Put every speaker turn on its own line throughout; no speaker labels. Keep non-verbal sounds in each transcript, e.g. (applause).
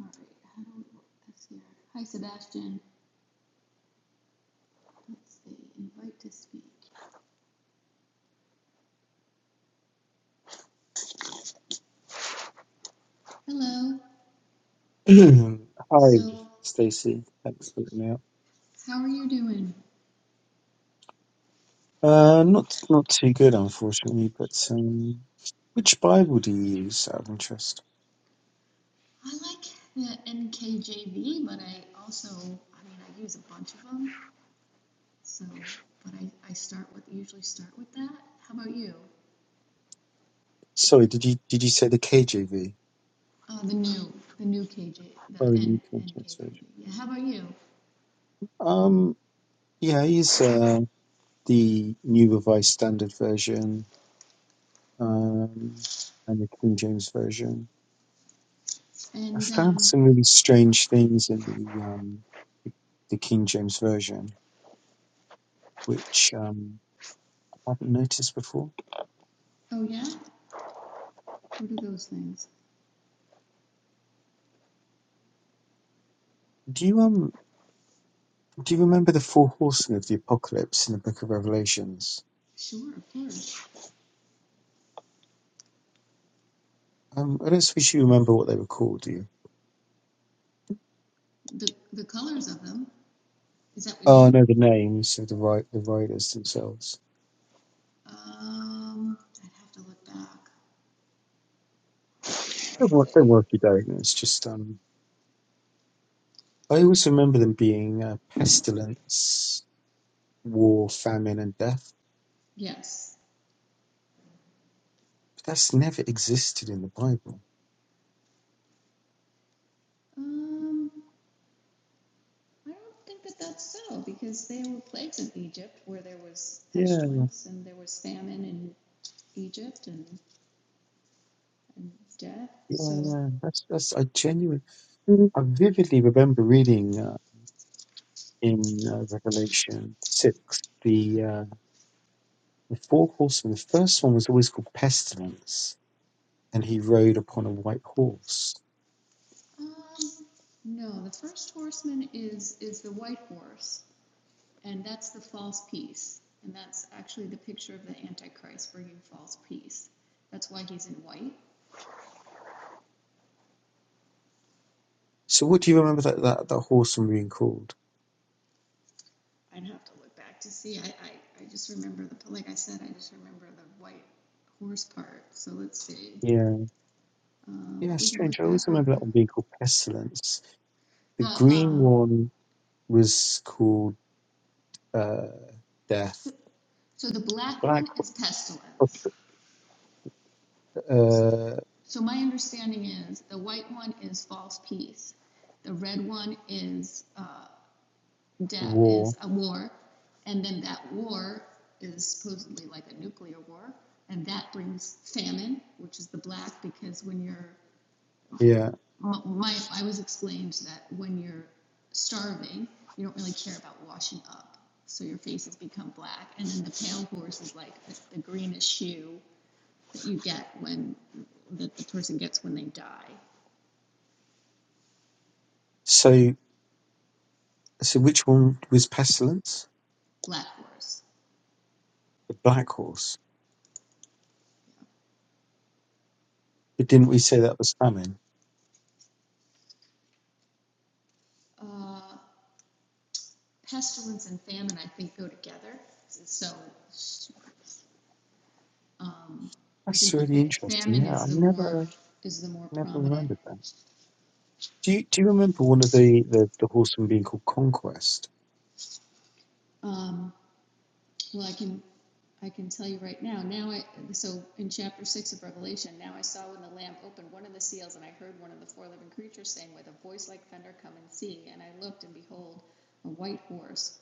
All right, I don't know what that's here. Hi, Sebastian. Let's see, invite to speak. Hello.
(clears throat) Hi,
So,
Stacey. Thanks for looking out.
how are you doing?
Uh, not not too good, unfortunately. But um, which Bible do you use out of interest?
I like the NKJV, but I also, I mean, I use a bunch of them. So, but I, I start with usually start with that. How about you?
Sorry, did you did you say the KJV?
Uh, the new, the new KJ, the
Oh, the New
N,
King James Version.
NKJV. Yeah. How about you?
Um, yeah, I use uh, the New Revised Standard Version um, and the King James Version. I
And
found
um,
some really strange things in the um, the King James Version, which um, I haven't noticed before.
oh yeah, what are those things?
Do you um? Do you remember the four horsemen of the apocalypse in the book of Revelations?
Sure, of course.
Um, I don't suppose you remember what they were called, do you?
The the colors of them. Is that what you
Oh, I
mean?
know the names of the ri- the riders themselves.
Um, I'd have to look back.
Don't
Let's
worry, don't
see.
worry if you don't. It's just um, I also remember them being uh, pestilence, war, famine, and death.
Yes.
But that's never existed in the Bible.
Um, I don't think that that's so because they were plagued in Egypt where there was
Yeah,
pestilence and there was famine in Egypt and, and death.
yeah,
So,
yeah. That's that's I genuinely, I vividly remember reading uh, in uh, Revelation six the. The four horsemen, the first one was always called Pestilence, and he rode upon a white horse.
um, no, the first horseman is is the white horse, and that's the false peace, and that's actually the picture of the Antichrist bringing false peace. That's why he's in white.
So what do you remember that, that, that horse one being called?
I'd have to look back to see. I, I, I just remember the, like I said, I just remember the white horse part. So let's see.
Yeah.
Um,
Yeah,
but we can
strange.
look
I
back
always
real
remember that
quick.
one being called Pestilence. The
The,
green
um,
one was called uh, Death.
so, so the black
Black
one is pestilence.
uh,
So my understanding is the white one is false peace. The red one is, uh, de-
War.
is a war. And then that war is supposedly like a nuclear war. And that brings famine, which is the black, because when you're
Yeah.
my, I was explained that when you're starving, you don't really care about washing up, so your face has become black, and then the pale horse is like the, the greenish hue that you get when that the person gets when they die.
So so which one was Pestilence?
Black horse.
The Black Horse. But didn't we say that was famine?
Uh, pestilence and famine, I think, go together. So, um, I
That's
think the
really
fa-
interesting.
famine
Yeah, I
is the more
never
is the more
never
prominent.
remembered that. Do you do you remember one of the the, the horsemen being called Conquest?
Um, Well, I can, I can tell you right now, now I, so in chapter six of Revelation, now I saw when the Lamb opened one of the seals, and I heard one of the four living creatures saying with a voice like thunder, Come and see. And I looked, and behold, a white horse.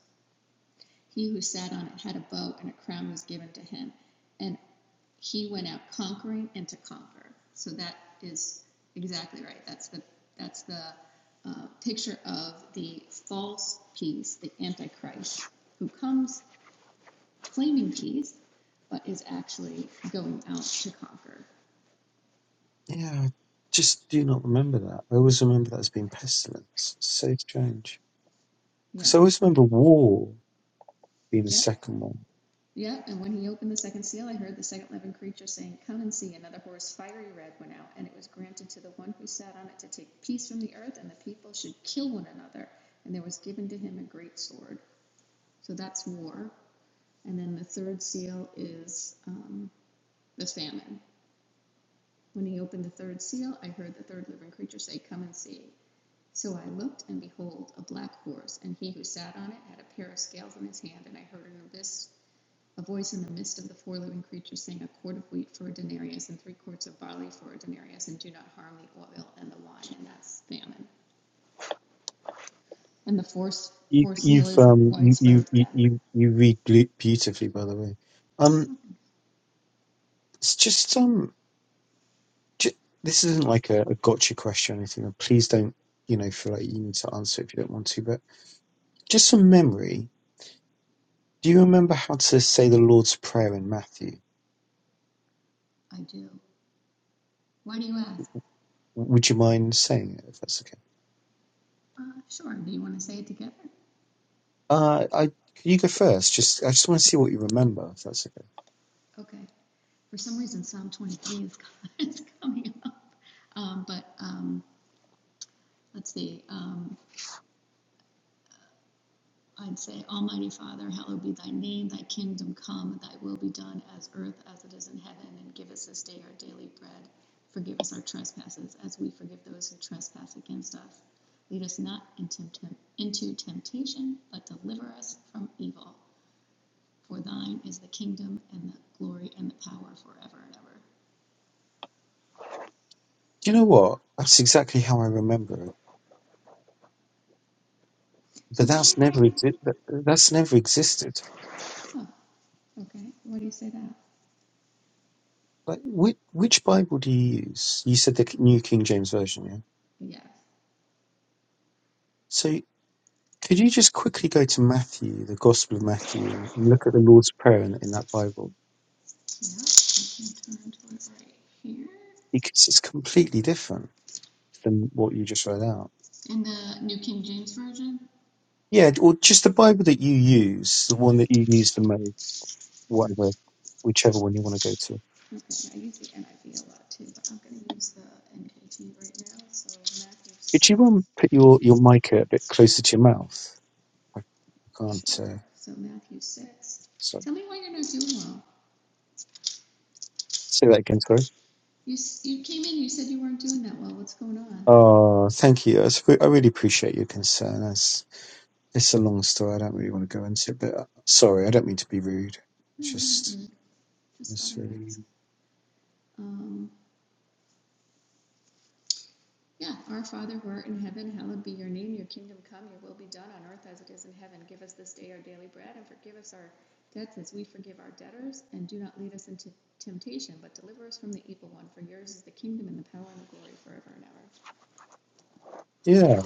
He who sat on it had a bow, and a crown was given to him. And he went out conquering and to conquer. So that is exactly right. That's the that's the uh, picture of the false peace, the Antichrist, who comes claiming peace, but is actually going out to conquer.
Yeah, I just do not remember that. I always remember that as being Pestilence. So strange
Yeah.
because I always remember War being the
Yep.
second one.
Yep. And when he opened the second seal, I heard the second living creature saying, Come and see. Another horse, fiery red, went out, and it was granted to the one who sat on it to take peace from the earth, and the people should kill one another. And there was given to him a great sword. So that's war. And then the third seal is um, the famine. When he opened the third seal, I heard the third living creature say, Come and see. So I looked, and behold, a black horse, and he who sat on it had a pair of scales in his hand, and I heard an abyss, a voice in the midst of the four living creatures saying, A quart of wheat for a denarius, and three quarts of barley for a denarius, and do not harm the oil and the wine, and that's famine. And the fourth,
You
fourth seal
you've
is
um you you
widespread
you
death.
you, you read glu- beautifully by the way. Um, it's just um ju- this isn't like a, a gotcha question or anything. and Please don't you know feel like you need to answer if you don't want to. But just from memory, do you remember how to say the Lord's Prayer in Matthew?
I do. Why do you ask?
Would you mind saying it if that's okay?
Uh, sure. Do you want to say it together?
Uh, I can you go first? Just I just want to see what you remember if that's okay.
Okay. For some reason, Psalm 23 is, (laughs) is coming up. Um, but um, let's see. Um, I'd say, Almighty Father, hallowed be thy name, thy kingdom come, thy will be done as earth as it is in heaven, and give us this day our daily bread. Forgive us our trespasses as we forgive those who trespass against us. Lead us not into, into temptation, but deliver us from evil. For thine is the kingdom and the glory and the power forever and ever.
Do you know
Amen.
what? That's exactly how I remember it.
So
But
tell me
that's never
what.
exi- that, that's never existed.
Oh, okay. What do you say that?
Like which which Bible do you use? You said the K- New King James Version, yeah.
Yes.
So could you just quickly go to Matthew, the Gospel of Matthew, and look at the Lord's Prayer in, in that Bible
Yeah. I can turn to it right here.
because it's completely different than what you just read out.
In the New King James Version,
Yeah, or just the Bible that you use, the one that you use the most. whatever, whichever one you want to go to.
Okay. I use the NIV a lot too, but I'm going to use the NKT right now. So Matthew
Did
6.
you um put your your mic a bit closer to your mouth? I, can't.
Sure.
Uh,
So Matthew 6.
so
Tell me why you're not doing well.
say that again. Sorry.
You, you came in, you said you weren't doing that well. What's going on?
Oh, thank you. That's, I really appreciate your concern. That's it's a long story. I don't really want to go into it, but uh, sorry, I don't mean to be rude.
No,
It's
you're not
just
rude. Just thought
it's
I'd
really
ask. Um, Yeah, our Father who art in heaven, hallowed be your name. Your kingdom come, your will be done on earth as it is in heaven. Give us this day our daily bread and forgive us our debts as we forgive our debtors. And do not lead us into temptation, but deliver us from the evil one. For yours is the kingdom and the power and the glory forever and ever.
yeah.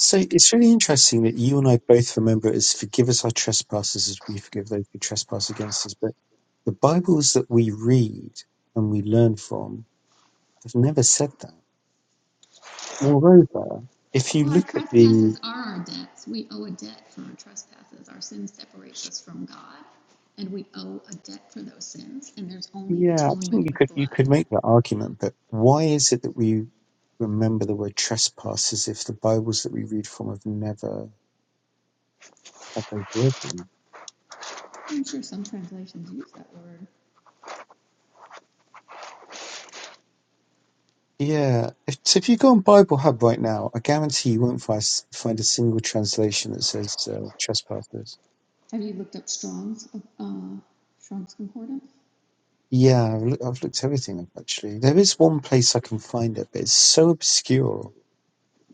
So it's really interesting that you and I both remember it as forgive us our trespasses as we forgive those who trespass against us. But the Bibles that we read and we learn from I've never said that. Moreover, if you
Well, our
look at the
trespasses are our debts. We owe a debt for our trespasses. Our sin separates us from God, and we owe a debt for those sins. And there's only
yeah, I think
atonement
you
with
could you
blood.
could make that argument, but why is it that we remember the word trespass as if the Bibles that we read from have never had those words in them?
I'm sure some translations use that word.
Yeah, if, so if you go on Bible Hub right now, I guarantee you won't find find a single translation that says uh, trespassers.
Have you looked up Strong's, uh, Strong's Concordance?
Yeah, I've, look, I've looked everything up actually. There is one place I can find it, but it's so obscure.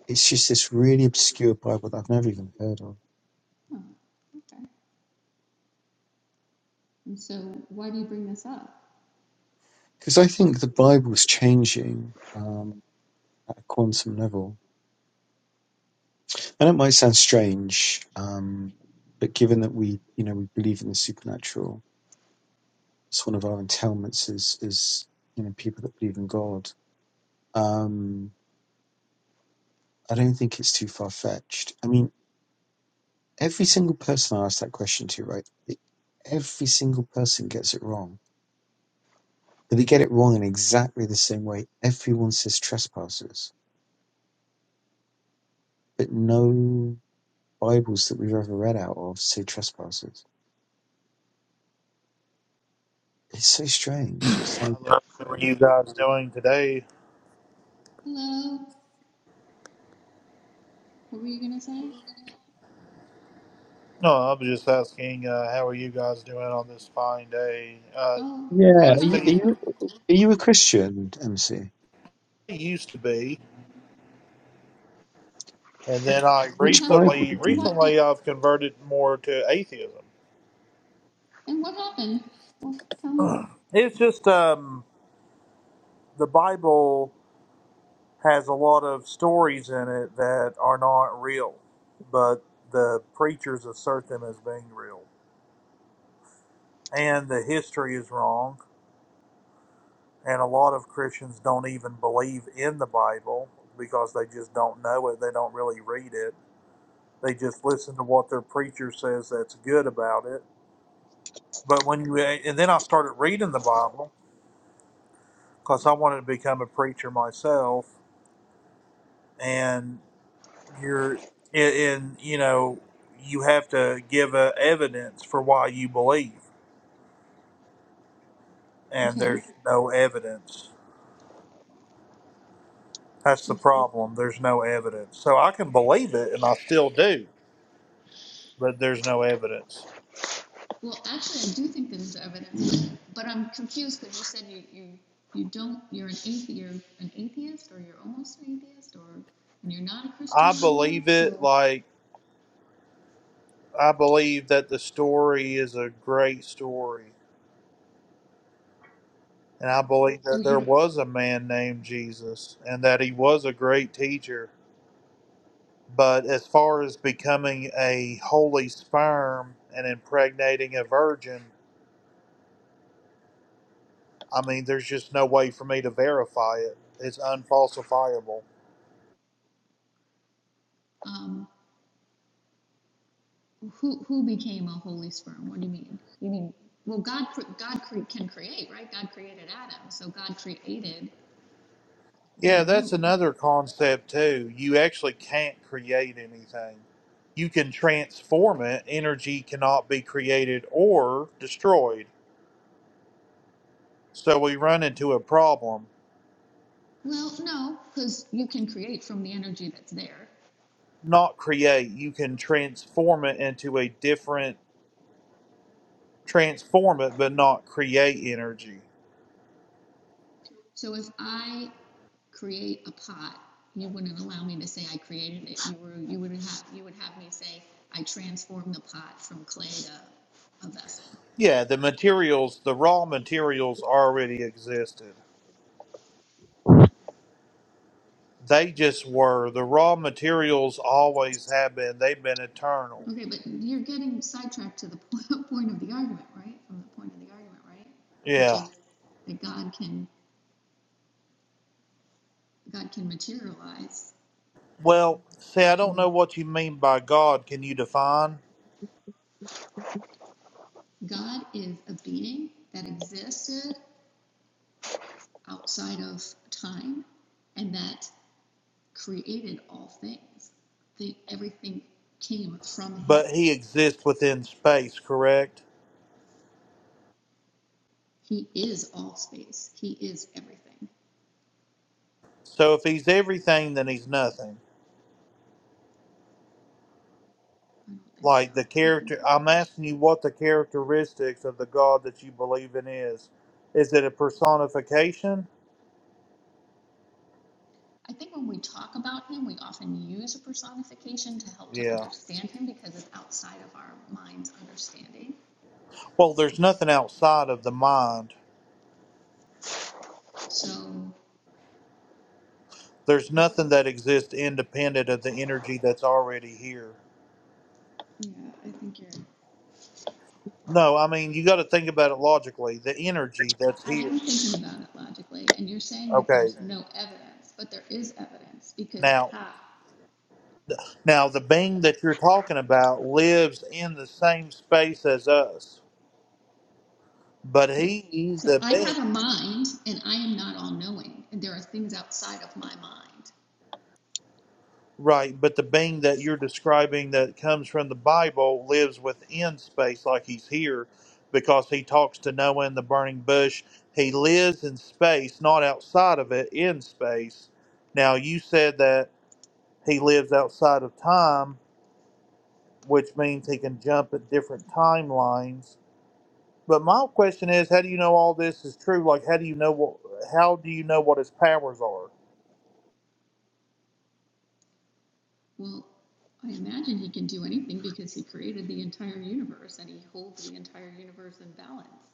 It's just this really obscure Bible that I've never even heard of.
Oh, okay. And so why do you bring this up?
Because I think the Bible's changing um, at a quantum level, and it might sound strange, um, but given that we, you know, we believe in the supernatural, it's one of our entailments as as you know people that believe in God. Um, I don't think it's too far fetched. I mean, every single person I ask that question to, right? they- Every single person gets it wrong, but they get it wrong in exactly the same way. Everyone says trespassers, but no Bibles that we've ever read out of say trespasses. It's so strange. It's like,
Hello, How are you guys doing today?
Hello, what were you gonna say?
No, i was just asking, uh, how are you guys doing on this fine day? Uh,
Oh,
yeah,
good,
I
are
how
you,
are
see
are you,
you?
are you a Christian, MC?
I used to be, and then I
And
Which
how come,
Bible
recently,
did
and
you?
what, and,
recently I've converted more to atheism.
and what happened? Well, tell me.
It's just um, the Bible has a lot of stories in it that are not real, but the preachers assert them as being real, and the history is wrong And a lot of Christians don't even believe in the Bible because they just don't know it. They don't really read it. They just listen to what their preacher says that's good about it. But when you, and then I started reading the Bible because I wanted to become a preacher myself. And you're, and, you know, you have to give uh evidence for why you believe. And
Okay.
there's no evidence. That's the
There's-
problem. There's no evidence. So I can believe it and I still do but there's no evidence.
Well, actually, I do think there's evidence, but I'm confused because you said you, you, you don't, you're an atheist. you're an atheist or you're almost an atheist or, and you're not a Christian
I
anymore,
believe it.
so,
Like I believe that the story is a great story, and I believe
oh,
that
you
there
don't,
was a man named Jesus, and that he was a great teacher. But as far as becoming a holy sperm and impregnating a virgin, I mean, there's just no way for me to verify it. It's unfalsifiable.
um, Who who became a holy sperm? What do you mean? You mean Well, God God cre- can create, right? God created Adam, so God created in
Yeah,
the
that's
womb.
another concept too. You actually can't create anything. You can transform it. Energy cannot be created or destroyed. So we run into a problem.
Well, no, because you can create from the energy that's there.
Not create. You can transform it into a different, transform it, but not create energy.
So if I create a pot, you wouldn't allow me to say I created it. You were you would have you would have me say I transformed the pot from clay to a vessel.
Yeah, the materials, the raw materials already existed. They just were. The raw materials always have been. They've been eternal.
Okay, but you're getting sidetracked to the (laughs) point of the argument, right? From the point of the argument, right? Which
Yeah.
is that God can God can materialize.
Well, see,
God
I don't
can
know what you mean by God. Can you define?
God is a being that existed outside of time and that created all things. The, everything came from him.
But he exists within space, correct?
He is all space. He is everything.
So if he's everything, then he's nothing.
I don't think so.
Like the
I think
character,
you're
I'm
getting
asking you what the characteristics of the God that you believe in is. Is it a personification?
I think when we talk about him, we often use a personification to help to
Yeah.
understand him because it's outside of our mind's understanding.
Well, there's nothing outside of the mind.
So
There's
I would,
nothing that exists independent of the energy that's already here.
Yeah, I think you're.
No, I mean, you got to think about it logically. The energy
I-
that's here.
am thinking about it logically, and you're saying that
Okay.
there's okay. no evidence, but there is evidence because
Now,
how?
Now, the being that you're talking about lives in the same space as us, but
Okay,
he,
so
the
I have
being,
a mind, and I am not all-knowing, and there are things outside of my mind.
right, but the being that you're describing that comes from the Bible lives within space like he's here because he talks to Noah in the burning bush. He lives in space, not outside of it, in space. Now, you said that he lives outside of time, which means he can jump at different timelines But my question is, how do you know all this is true? Like, how do you know what? How do you know what his powers are?
Well, I imagine he can do anything because he created the entire universe and he holds the entire universe in balance.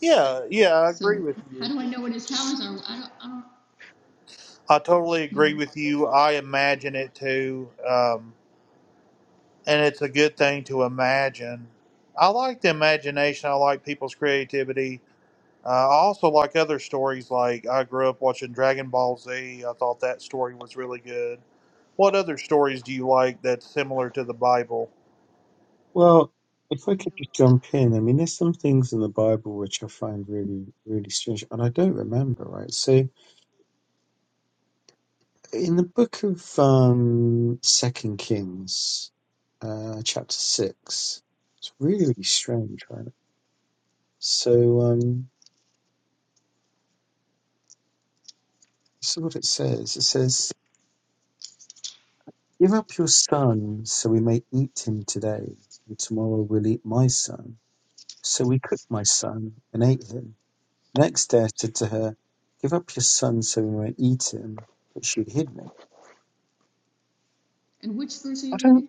Yeah, yeah, I agree
So
with
how
you.
do I know what his talents are? I don't, I don't, I
I totally agree
mean,
with you. I imagine it too, um, and it's a good thing to imagine. I like the imagination. I like people's creativity. Uh, I also like other stories. Like I grew up watching Dragon Ball Z. I thought that story was really good. What other stories do you like that's similar to the Bible?
Well, if I
I
could just
don't, I,
jump in, I mean, there's some things in the Bible which I find really, really strange, and I don't remember, right? So, in the book of um, Second Kings, uh, chapter six, it's really, really strange, right? So, um, this is what it says. It says. Give up your son, so we may eat him today, and tomorrow we'll eat my son. So we cooked my son and ate him. Next day I said to her, Give up your son, so we may eat him. But she'd hidden him.
and which verse are
I
you
don't.
reading?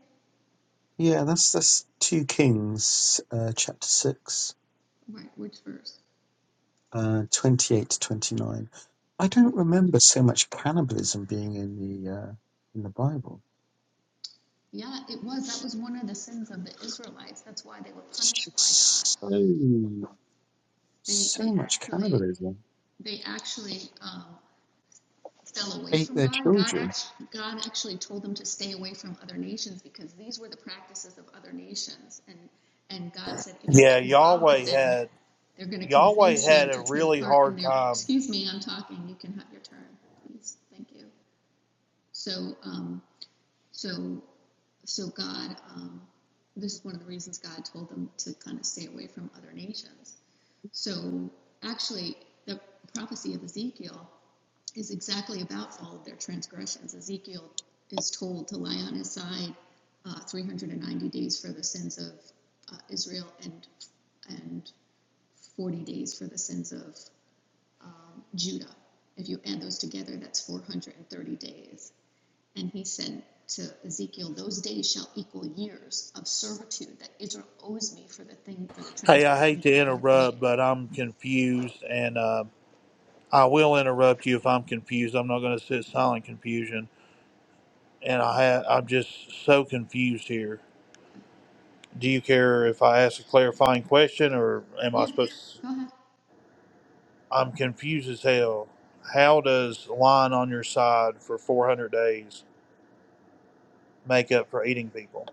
Yeah, that's that's two Kings, uh, chapter six,
Right, which verse?
uh, twenty-eight to twenty-nine. I don't
20, 20.
remember so much cannibalism being in the uh, in the Bible.
Yeah, it was, that was one of the sins of the Israelites. That's why they were
It's
punished by
just so
God. They,
so
they
much
actually,
cannibalism.
they actually, um, fell away
Ate
from
their
God. God
children
actually, God actually told them to stay away from other nations because these were the practices of other nations. And, and God said, if you
Yeah,
get involved with them,
Yahweh
they're going to
Yahweh
convince you
had a
to take
really
part in
hard
their.
time.
Excuse me, I'm talking. You can have your turn, please. Thank you. So um, so, so God, um, this is one of the reasons God told them to kind of stay away from other nations. So, actually, the prophecy of Ezekiel is exactly about all of their transgressions. Ezekiel is told to lie on his side uh, 390 days for the sins of uh, Israel and and 40 days for the sins of um, Judah. If you add those together, that's 430 days. And he said to Ezekiel, Those days shall equal years of servitude that Israel owes me for the thing, for the
Hey, I hate
transgressions
to
that they have
interrupt,
made.
but I'm confused, and uh, I will interrupt you if I'm confused. I'm not going to sit silent confusion, and I ha- I'm just so confused here. Do you care if I ask a clarifying question, or am I
Yeah,
supposed? to?
go ahead.
I'm confused as hell. How does lying on your side for 400 days make up for eating people?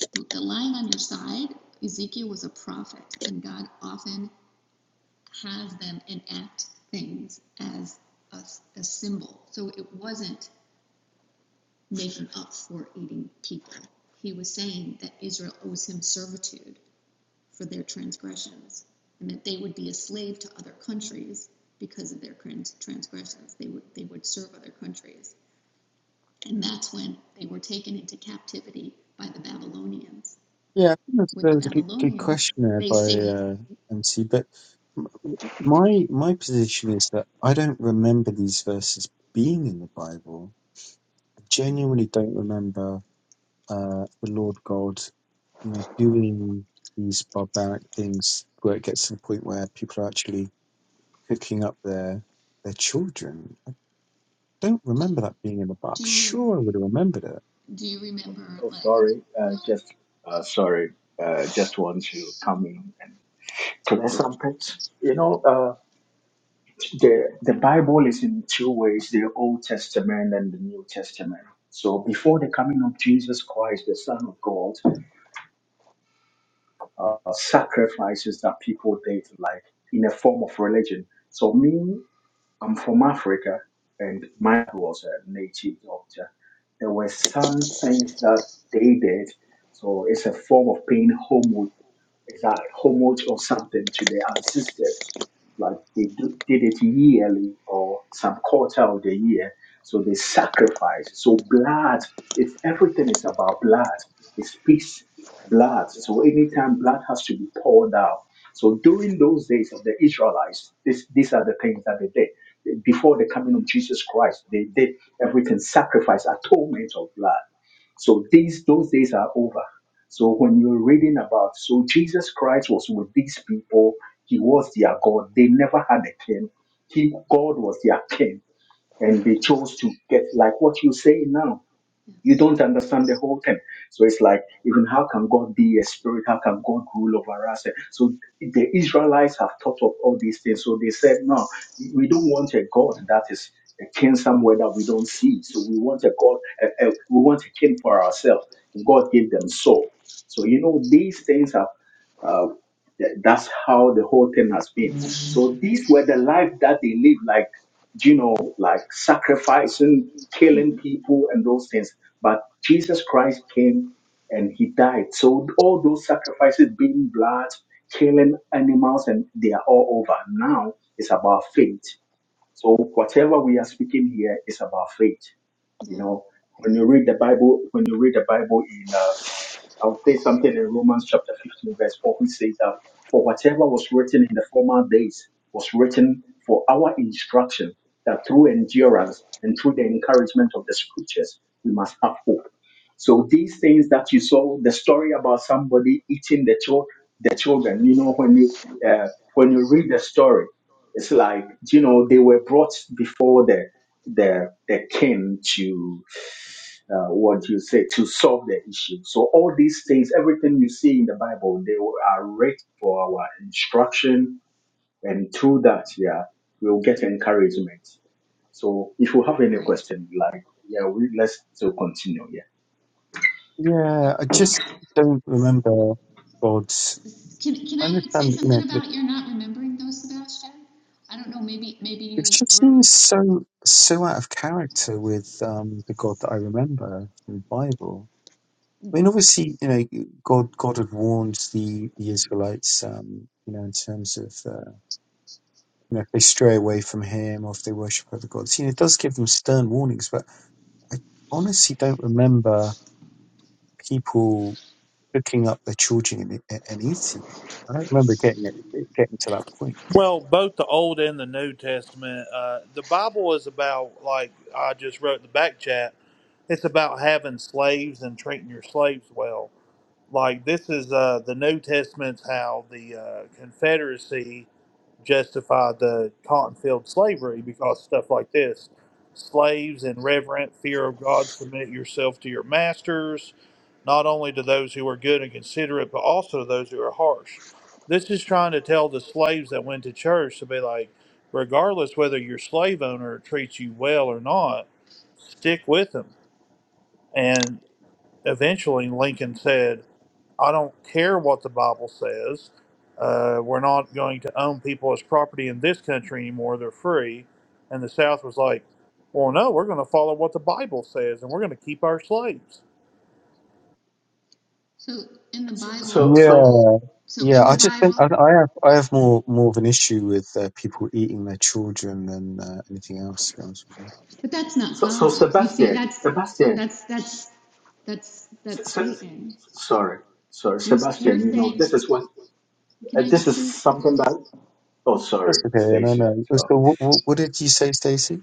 The, the lion on your side, Ezekiel was a prophet, and God often has them enact things as a, a symbol. So it wasn't making up for eating people. He was saying that Israel owes him servitude for their transgressions, and that they would be a slave to other countries because of their transgressions. They would they would serve other countries, and that's when they were taken into captivity by the Babylonians.
Yeah, I think that's,
With
that
the
was a good, good
Babylonians,
question there
they
by
sing.
uh, MC. But m- my my position is that I don't remember these verses being in the Bible. I
Yeah.
genuinely don't remember uh, the Lord God, you know, doing these barbaric things where it gets to the point where people are actually cooking up their their children. I don't
Do,
remember that being in the Bible. I'm
do you re,
sure I would have remembered it.
do you remember
Oh,
like?
sorry. Uh,
Well,
just uh, sorry. Uh, just want to come in and clear something. You know, uh, the the Bible is in two ways: the Old Testament and the New Testament. So, before the coming of Jesus Christ, the Son of God, uh, sacrifices that people did, like in a form of religion. So, me, I'm from Africa, and mine was a native doctor. There were some things that they did so it's a form of paying homage it's a homage or something to their ancestors. Like they do, did it yearly or some quarter of the year. So they sacrifice. So blood, it's everything is about blood. It speaks blood. So anytime blood has to be poured out. So during those days of the Israelites, this, these are the things that they did. Before the coming of Jesus Christ, they did everything sacrifice, atonement of blood. So these those days are over. So when you're reading about, so Jesus Christ was with these people. He was their God. They never had a king. He, God was their king. And they chose to get, like what you're saying now you
yes.
don't understand the whole thing. So it's like, even how can God be a spirit? How can God rule over us? So the Israelites have thought of all these things. So they said, no, we don't want a God that is a king somewhere that we don't see. So we want a God, a, a- we want a king for ourselves. And God gave them Saul. So, you know, these things are, uh, th- that's how the whole thing has been. So these were the life that they lived, like, you know, like sacrificing, killing
hmm
people and those things but Jesus Christ came and he died. So all those sacrifices, being blood, killing animals, and they are all over. Now it's about faith. So whatever we are speaking here is about faith. You
Yeah.
know, when you read the Bible, when you read the Bible in, uh, I'll say something in Romans chapter 15, verse 4, which says that for whatever was written in the former days was written for our instruction, that through endurance and through the encouragement of the scriptures, we must have hope. So these things that you saw, the story about somebody eating the, chil- the children, you know, when you, uh, when you read the story, it's like, you know, they were brought before there that they came to uh, what do you say to solve the issue. So all these things, everything you see in the Bible, they are written for our instruction, and through that, yeah, we'll get encouragement. So if you have any
Right.
question, like yeah, we let's still continue. Yeah.
Yeah,
Aw-
I just
Awesome.
don't remember God's.
Can can
I
I say
understand, you know,
something about you're not remembering those, Sebastian? I don't know. Maybe maybe
It
you
just
wrote.
seems so so out of character with um, the God that I remember from the Bible. I mean, obviously, you know, God God had warned the the Israelites, um, you know, in terms of uh, you know if they stray away from Him or if they worship other gods, you know, it does give them stern warnings. But I honestly don't remember people cooking up their children and, and eating. them. I don't remember getting it, it getting to that point.
Well, both the Old and the New Testament. Uh, the Bible is about, like I just wrote in the back chat, it's about having slaves and treating your slaves well. Like this is uh, the New Testament's how the uh, Confederacy justify the cotton field slavery because stuff like this slaves in reverent fear of God submit yourself to your masters, not only to those who are good and considerate, but also to those who are harsh. This is trying to tell the slaves that went to church to be like, regardless whether your slave owner treats you well or not, stick with them. and eventually Lincoln said, I don't care what the Bible says. Uh, we're not going to own people as property in this country anymore. They're free. And the South was like, well, no, we're going to follow what the Bible says and we're going to keep our slaves.
So in the Bible,
So
Yeah,
so
so
Yeah,
in the
I just think I,
Bible,
I have I have more more of an issue with uh, people eating their children than uh, anything else. To be honest with you,
but that's not
so so
God. You see,
Sebastian,
that's
Sebastian,
that's that's that's
Se-
that's
Se-
Satan.
sorry, sorry,
You're you're
Sebastian. You know,
saying,
this is what
can
uh,
I
this
just
is
speak?
something that. Oh,
that's
sorry,
okay. No,
Stacy.
no. So, what, what, what did you say, Stacey?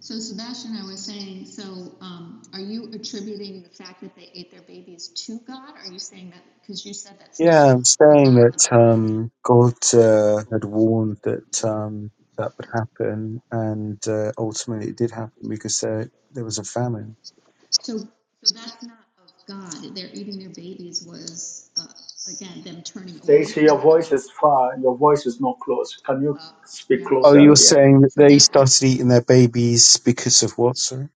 So Sebastian, I was saying, so um, are you attributing the fact that they ate their babies to God? Are you saying that because you said that's not
Yeah, I'm
the
saying
God of the
that
Bible?
um,
Okay.
God uh, had warned that um, that would happen, and uh, ultimately it did happen because there there was a famine.
So so that's not of God. They're eating their babies was uh, again them turning away
Stacy, your
from
voice
God.
is far. Your voice is not close. Can you
Uh,
speak
yeah.
Oh, you're
closer? Yes.
saying that
So
they
Yeah.
that was,
started eating their babies because of what? Sorry,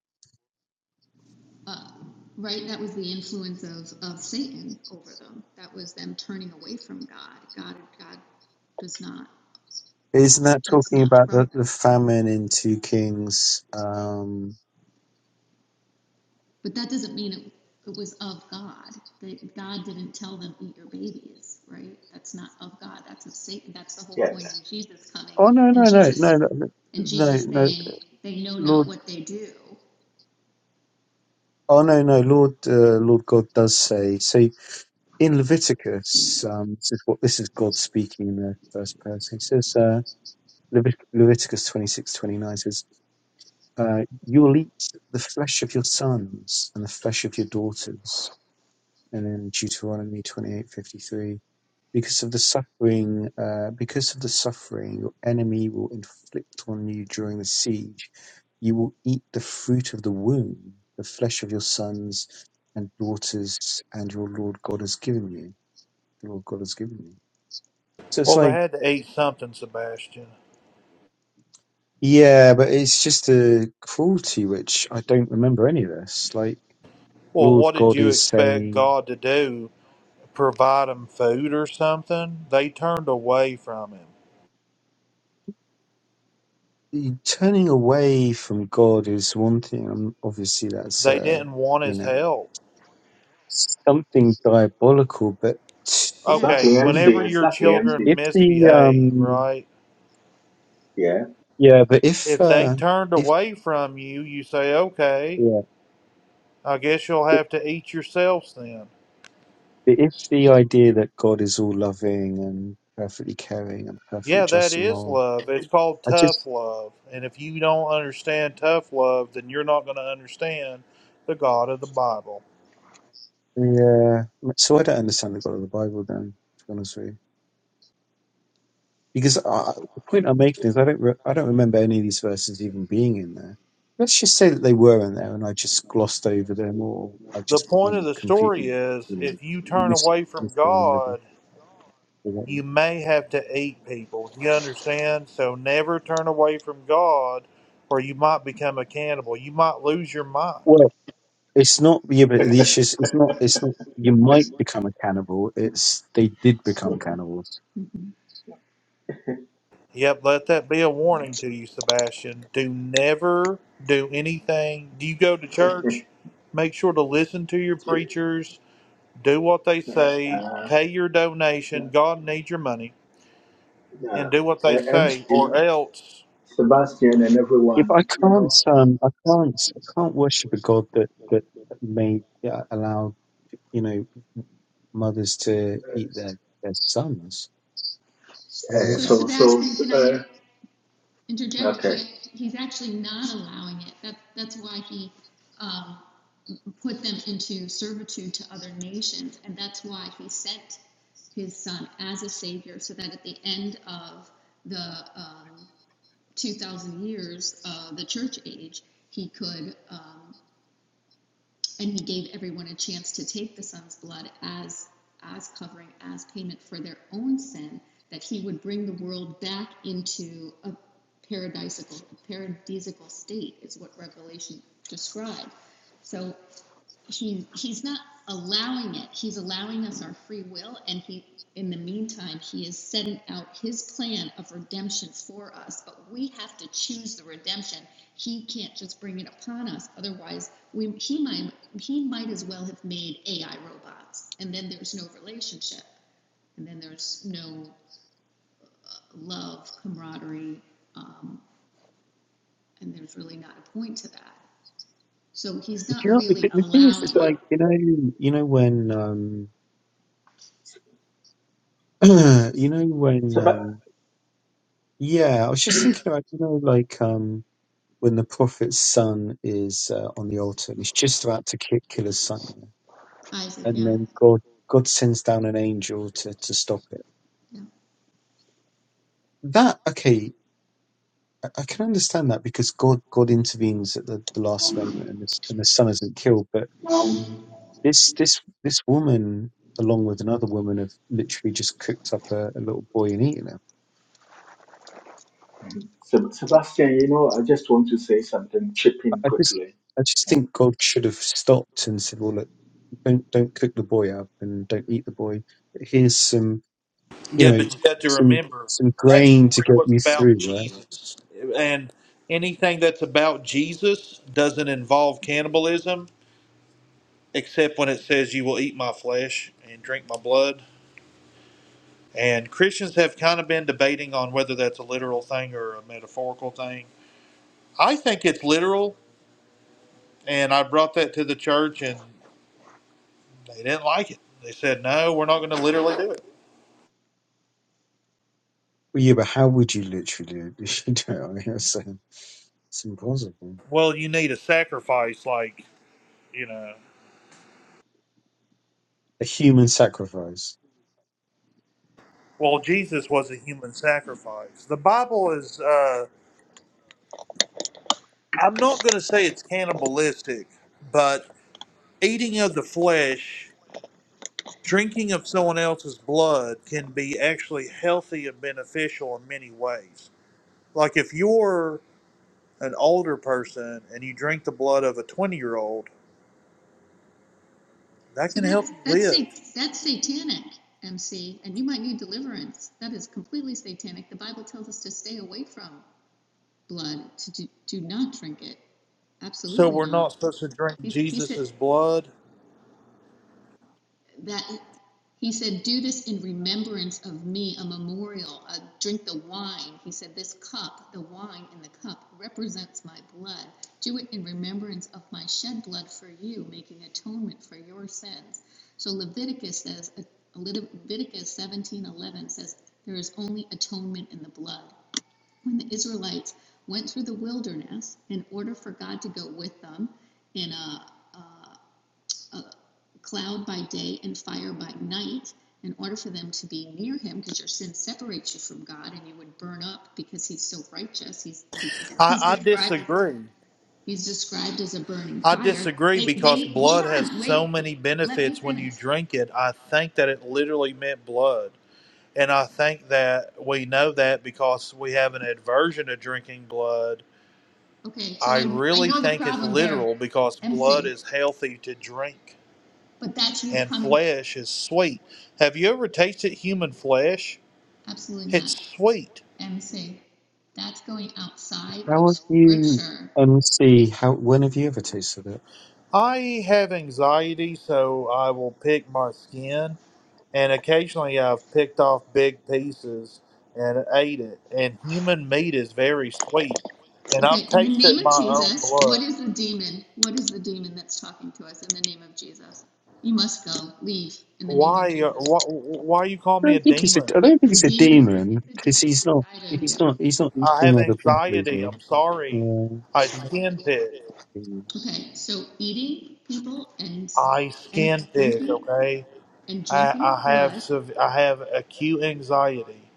uh, right, that was the influence of, of Satan over them. That was them turning away from God. God, God does not,
isn't that
that's
talking
not
about
from
the,
God.
the famine in Two Kings? Um,
But that doesn't mean it, it was of God. That God didn't tell them, eat your babies, right? That's not of God. That's of Satan. That's the whole
yeah.
point in Jesus coming
Oh no,
and
no, no, no,
Jesus,
no, no,
and
no,
Jesus
no.
saying, they know not
Lord.
what they do.
Oh no, no, Lord, uh, Lord God does say. So in Leviticus, um, this is what this is God speaking in the first person. He says, uh, Levit- Leviticus twenty six twenty nine says, uh, "You will eat the flesh of your sons and the flesh of your daughters." and in Deuteronomy 28:53, because of the suffering, uh, because of the suffering your enemy will inflict on you during the siege, you will eat the fruit of the womb, the flesh of your sons and daughters, and your Lord God has given you. The Lord God has given you. So it's
Well, they
like,
had to eat something, Sebastian.
yeah, but it's just a cruelty which I don't remember any of this. Like,
Well,
Lord
what did
God
you
is
expect
saying.
God to do? Provide them food or something? They turned away from him.
the turning away from God is one thing, and obviously that's
They
uh,
didn't want
you
his
know
help.
something diabolical. But
Yes.
I
Okay,
Exactly,
wouldn't
MC.
whenever your
Exactly, MC.
children
if the
Yeah.
misbehave,
um
right?
Yeah.
yeah, but if
If they
uh,
turned
if
away from you, you say, okay,
yeah,
I guess you'll
if,
have to eat yourselves then.
if the idea that God is all loving and perfectly caring and perfectly
Yeah, that
just and
is
moral,
love. It's called
I
tough
just
love. And if you don't understand tough love, then you're not going to understand the God of the Bible.
yeah. So I don't understand the God of the Bible then. To be honest with you. Because uh, the point I'm making is I don't re- I don't remember any of these verses even being in there. Let's just say that they were in there, and I just glossed over them, or I
The
just you
point
know,
of the story
completely
is
you know
if you turn
mis-
away from
misremembered them.
God,
or whatever.
you may have to eat people. You understand? So never turn away from God or you might become a cannibal. You might lose your mind.
Well, it's not yeah, but the issue is it's not it's not you might become a cannibal. It's they did become cannibals.
Mm-hmm.
Yep, let that be a
Mhm.
warning to you, Sebastian. Do never do anything. Do you go to
(laughs)
church? Make sure to listen to your preachers, do what they
yeah.
say,
Uh,
pay your
yeah.
donation. God needs your money,
yeah.
and do what they
Uh, MC,
say,
you
or
know,
else.
Sebastian and
Yeah,
everyone,
but I
you
can't
know.
um I can't I can't worship a god that that made yeah, allowed you know mothers to eat their their sons. I
Uh, uh,
get
So
that.
so, so,
Sebastian, can I
uh,
interject, he,
okay.
he's actually not allowing it. That, that's why he, um, put them into servitude to other nations, and that's why he sent his son as a savior, so that at the end of the um, 2,000 years, uh, the church age, he could um, and he gave everyone a chance to take the son's blood as as covering as payment for their own sin that he would bring the world back into a paradisical paradisical state is what revelation described so he he's not allowing it. He's allowing us our free will, and he in the meantime he is setting out his plan of redemption for us. But we have to choose the redemption. He can't just bring it upon us. Otherwise, we he might he might as well have made AI robots, and then there's no relationship, and then there's no love, camaraderie, um, and there's really not a point to that. So he's
But
not
you know, the,
really
the thing is, it's
allowing it.
like
So,
you know, you know when, um, (clears throat) you know when,
Seb-
um, yeah. I was just thinking about you know, like um, when the prophet's son is uh, on the altar and he's just about to kick, kill his son, yeah?
Isaac,
and
yeah,
then God, God sends down an angel to to stop it.
yeah.
That okay, I, I can understand that because God, God intervenes at the, the last moment and, the, and the son isn't killed, but This this this woman, along with another woman, have literally just cooked up a, a little boy and eaten him.
Seb- Sebastian, you know, I just want to say something, chip in
I I just
quickly.
I just think God should have stopped and said, "Well, look, don't don't cook the boy up and don't eat the boy. Here's some, you
Yeah,
know,
but you got to
some
remember
some
that
grain to
story
get
was
you
about
through, right?"
Jesus. And anything that's about Jesus doesn't involve cannibalism, except when it says, You will eat my flesh and drink my blood. And Christians have kind of been debating on whether that's a literal thing or a metaphorical thing. I think it's literal, and I brought that to the church, and they didn't like it. They said, no, we're not going to literally do it.
Well, yeah, but how would you literally (laughs) do it? I mean, it's, um, it's impossible.
Well, you need a sacrifice, like, you know.
A human sacrifice.
Well, Jesus was a human sacrifice. The Bible is, uh, I'm not going to say it's cannibalistic, but eating of the flesh, drinking of someone else's blood can be actually healthy and beneficial in many ways Like if you're an older person and you drink the blood of a 20 year old, that
So
can help
that's,
you
that's,
live.
that's satanic, MC, and you might need deliverance. That is completely satanic. The Bible tells us to stay away from blood, to do, do not drink it.
So
Absolutely
we're
not.
not supposed to drink
He, he said,
Jesus's blood.
that he said, Do this in remembrance of me, a memorial. Uh, drink the wine. He said, This cup, the wine in the cup, represents my blood. Do it in remembrance of my shed blood for you, making atonement for your sins. So Leviticus says, Leviticus seventeen eleven says, There is only atonement in the blood. When the Israelites went through the wilderness in order for God to go with them in a a a cloud by day and fire by night in order for them to be near him because your sin separates you from god and you would burn up because he's so righteous he's he's,
I,
he's
I
described as
disagree.
he's described as a burning
I
fire
disagree
they
because
they hold
blood has
on
so
wait
many
let me
benefits when you
finish
drink it. I think that it literally meant blood. And I think that we know that because we have an aversion to drinking blood.
okay so
I
i i
really
know the
think it's
problem there
literal because blood
mc
is healthy to drink.
but that's you
and
coming
flesh is sweet. Have you ever tasted human flesh?
absolutely not
It's sweet.
mc that's going outside
How
of
have you
scripture
unsee how? When have you ever tasted it?
I have anxiety, so I will pick my skin, and occasionally I've picked off big pieces and ate it. And human meat is very sweet, and I've
Okay, in the name
tasted
of
my own
Jesus, what
blood.
is the demon? What is the demon that's talking to us in the name of Jesus? You must go, leave in the name of
Why, uh,
Jesus.
wh- why you call
I
me
don't
a
think he's a,
demon?
I don't think
The
he's a
demon, there
demon
is a
because
demon
he's not.
inside of
He's
you.
not. He's not
I have
eating other people, is
anxiety.
he?
I'm sorry.
Yeah.
I
so-
skin pick.
hmm.
Okay, so eating people and
I
and
skin pick.
drinking
Okay.
and
I,
drinking
I have
blood,
sev- I have acute anxiety,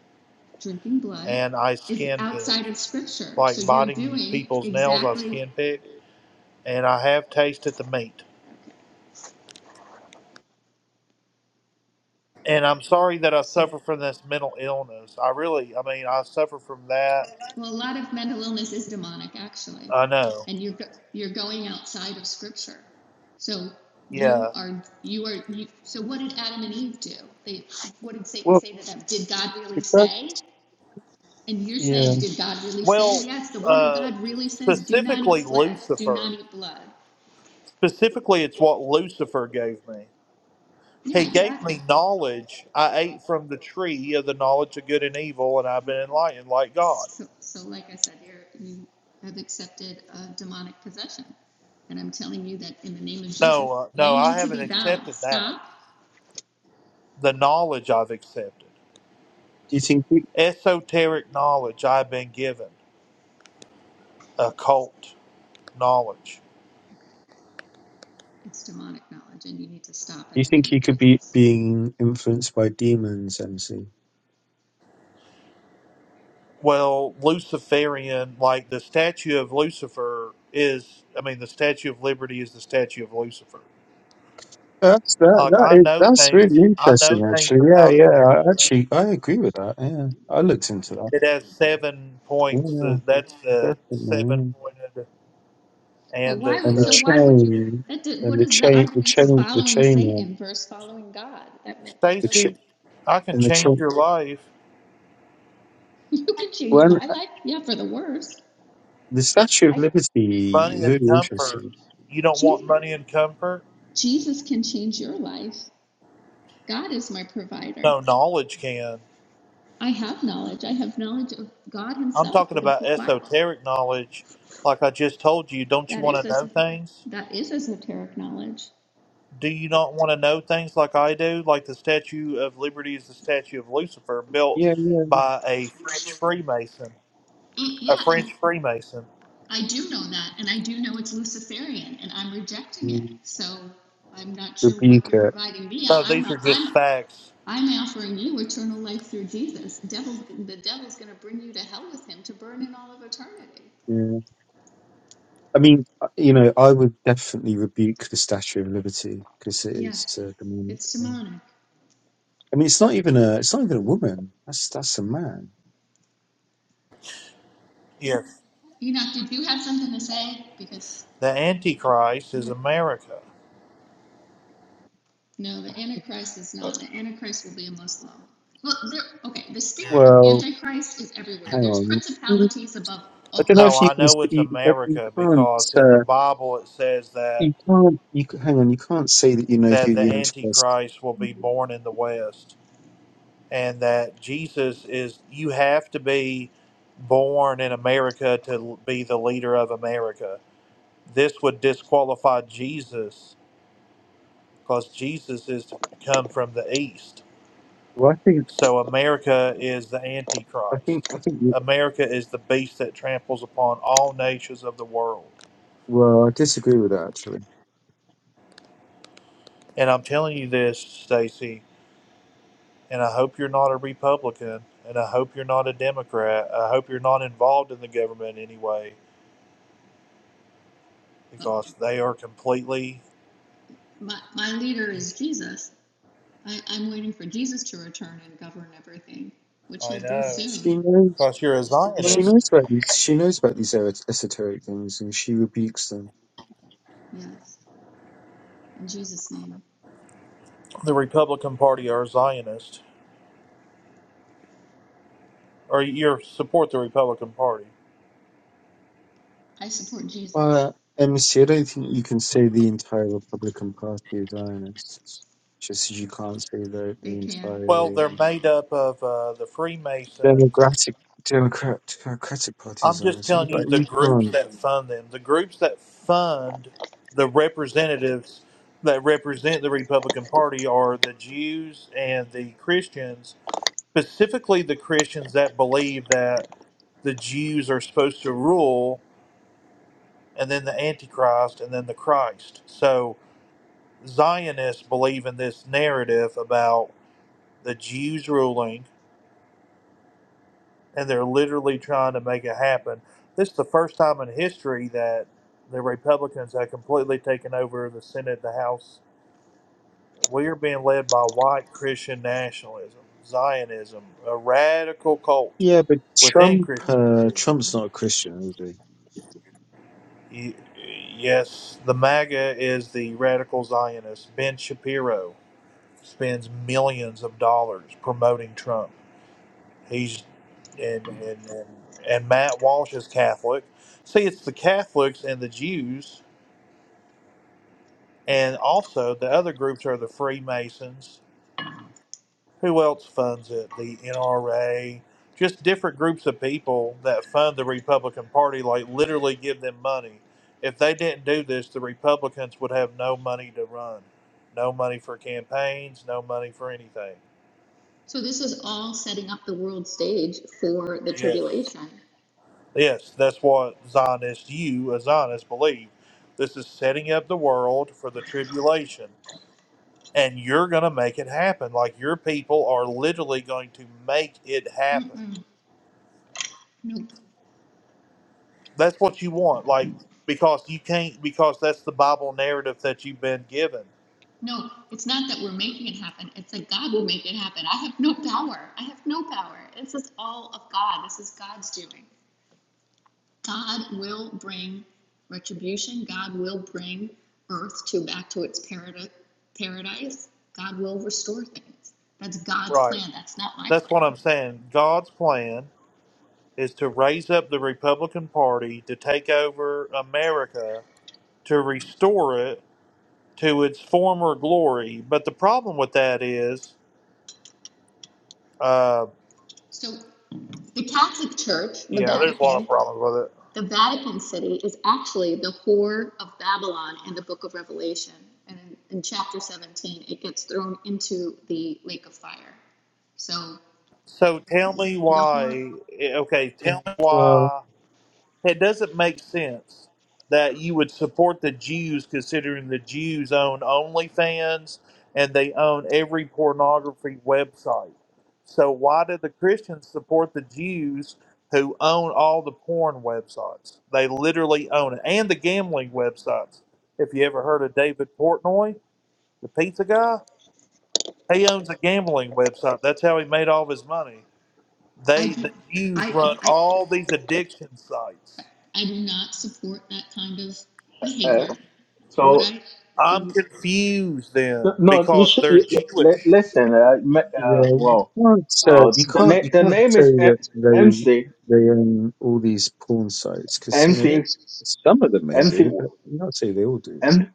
drinking blood
and I
is
skin
outside
pick,
of scripture. So
like
you're
biting
doing
people's nails. I
exactly
skin pick, and I have tasted the meat.
okay.
And I'm sorry that I
So,
suffer from this mental illness. I really, I mean, I suffer from that.
well, a lot of mental illness is demonic, actually,
I know.
and you're you're going outside of Scripture. So you
Yeah.
are you are you, so what did Adam and Eve do? They what did Satan
Well,
say to them? Did God really
it does.
say? And you're
Yeah.
saying, did God really
Well,
say? Yes, the Word of
uh,
God really says, do not eat
specifically
flesh, do not
Lucifer.
eat blood.
Specifically, it's what Lucifer gave me. He
Yeah,
gave
exactly.
me knowledge. I ate from the tree of the knowledge of good and evil, and I've been
Okay.
enlightened like God.
So, so like I said, you're, you have accepted a demonic possession. And I'm telling you that in the name of Jesus,
No, uh,
you
no, I
need to
haven't
be bound.
accepted that.
Stop.
The knowledge I've accepted,
Do you think? He, do
esoteric knowledge I've been given, occult knowledge.
Okay. It's demonic knowledge and you need to stop in
you
the
think
name
he
of
could be
Jesus.
being influenced by demons, MC?
Well, Luciferian, like the statue of Lucifer is, I mean, the statue of liberty is the statue of Lucifer.
That's that.
Like I
That is.
know
That's
things,
really
I know
interesting,
things
actually.
about
Yeah. Yeah. I,
America.
actually, I agree with that. Yeah. I looked into that.
It has seven points.
Yeah.
The, that's the seven
Definitely.
pointed,
But
and the,
why
yeah. And
would,
the
so
the
why would you,
chain.
that did,
And
what
the
is the
chain. The
argument to
chain. The
following
chain one.
Satan versus following God? That meant, that
The ch-
doesn't,
Stacy. I can
and the
change
chain.
your life.
(laughs) you can change my life. Yeah, for the worse.
The Statue of
I,
Liberty
money
is
and
really
comfort.
interesting.
You don't want money and comfort?
Jesus can change your life. God is my provider.
No, knowledge can.
I have knowledge. I have knowledge of God
I'm
Himself,
talking
of the
about
Bible.
esoteric knowledge. Like I just told you, don't you
That
want to
is
know
a,
things?
that is esoteric knowledge.
Do you
But-
not want to know things like I do? Like the Statue of Liberty is the Statue of Lucifer, built
Yeah, yeah, yeah.
by a French Freemason.
E-
A
yeah,
French
and
Freemason.
I do know that, and I do know it's Luciferian, and I'm rejecting it.
Mm,
So I'm not sure what
rebuke
you're
it.
providing me.
No,
I- I'm
these
a,
are just
I'm
facts.
I'm offering you eternal life through Jesus. Devil's the devil's going to bring you to hell with him to burn in all of eternity.
Yeah. I mean, uh, you know, I would definitely rebuke the Statue of Liberty because it is
Yes,
uh, demonic.
it's
Yeah.
demonic.
I mean, it's not even a it's not even a woman. That's that's a man.
Yes.
Enoch, did you have something to say? Because
The Antichrist
you
is
had
America.
No, the Antichrist is not. The Antichrist will be a Muslim. Well, there. Okay, the spirit of
Well,
Antichrist is everywhere.
hang
There's
on. Mm,
principalities above.
I don't know
Above.
No,
if you
I
can s-
know it's
you, that you
America
can't
because in the
uh,
Bible it says that
you can't you c- hang on you can't say that you know who
that the
the Antichrist
Antichrist will
is.
be born in the West and that Jesus is, you have to be born in America to be the leader of America. This would disqualify Jesus because Jesus is to come from the East.
Well, I think
So America is the
I think
Antichrist.
I think you-
America is the beast that tramples upon all nations of the world.
well I disagree with that actually.
And I'm telling you this, Stacy, And I hope you're not a Republican. And I hope you're not a Democrat. I hope you're not involved in the government anyway,
uh,
because they are completely.
My my leader is Jesus. I, I'm waiting for Jesus to return and govern everything, which he'll
I
do
know.
She
soon.
knows.
Because you're a
She knows
Zionist.
about these. She knows about these er- esoteric things, and she rebukes them.
Yes, in Jesus' name.
The Republican Party are Zionist, or you support the Republican Party.
I support Jesus.
Well, MC, don't think you can say the entire Republican Party is Zionists, just as you can't say the the
They can.
Well,
not
entire
they're
Yeah.
um,
made up of uh, the Freemasons.
Democratic Democrat Democratic Party is
I'm just
Zionist. You-
telling
Like
you the
you
groups
can't.
that fund them. The groups that fund the representatives that represent the Republican Party are the Jews and the Christians specifically the Christians that believe that the Jews are supposed to rule, and then the Antichrist, and then the Christ. So Zionists believe in this narrative about the Jews ruling, and they're literally trying to make it happen. This is the first time in history that the Republicans have completely taken over the Senate, the House. We are being led by white Christian nationalism, Zionism, a radical cult
Yeah, but
within
Trump. Uh,
Christianity.
Trump's not a Christian, is he?
Y- Yes, the MAGA is the radical Zionist. Ben Shapiro spends millions of dollars promoting Trump. He's and and and, and Matt Walsh is Catholic. See, it's the Catholics and the Jews, and also the other groups are the Freemasons. who else funds it? The NRA, just different groups of people that fund the Republican Party, like literally give them money. If they didn't do this, the Republicans would have no money to run, no money for campaigns, no money for anything.
So this is all setting up the world stage for the
Yes,
tribulation.
yes, that's what Zionists, you as Zionists, believe. This is setting up the world for the tribulation, and you're going to make it happen. Like your people are literally going to make it happen.
Mm-mm. Nope.
That's what you want, like because you can't because that's the Bible narrative that you've been given.
No, it's not that we're making it happen. It's that God will make it happen. I have no power. I have no power. This is all of God. This is God's doing. God will bring retribution. God will bring earth to back to its parad- paradise. God will restore things. That's God's
Right.
plan. That's not my
That's what I'm
plan.
saying. God's plan is to raise up the Republican Party to take over America, to restore it to its former glory. But the problem with that is, uh,
So the Catholic Church, the
yeah, there's a lot of
Vatican,
problems with it.
The Vatican City is actually the whore of Babylon in the book of Revelation. And in, in chapter 17, it gets thrown into the lake of fire. So
So tell me
the whore,
why. eh, Okay, tell me
Well.
why. it doesn't make sense that you would support the Jews, considering the Jews own OnlyFans and they own every pornography website. So why do the Christians support the Jews who own all the porn websites? They literally own it, and the gambling websites. If you ever heard of David Portnoy, the pizza guy, he owns a gambling website. That's how he made all of his money.
I
They,
do,
the Jews,
I,
run
I,
all these addiction sites
I do not support that kind of
Uh,
behavior. Would
so
I?
I'm
No.
confused then
No, you
because
should
they're
you, li-
Jewish.
listen. Uh, ma-
Yeah,
uh,
you
well,
can't uh,
uh,
you
the
can't
name
you
the
can't
name
say
is M-
that they
MC
they own all these porn sites because you know yeah,
MC
some of them may do,
MC
but you can't say they all do.
M-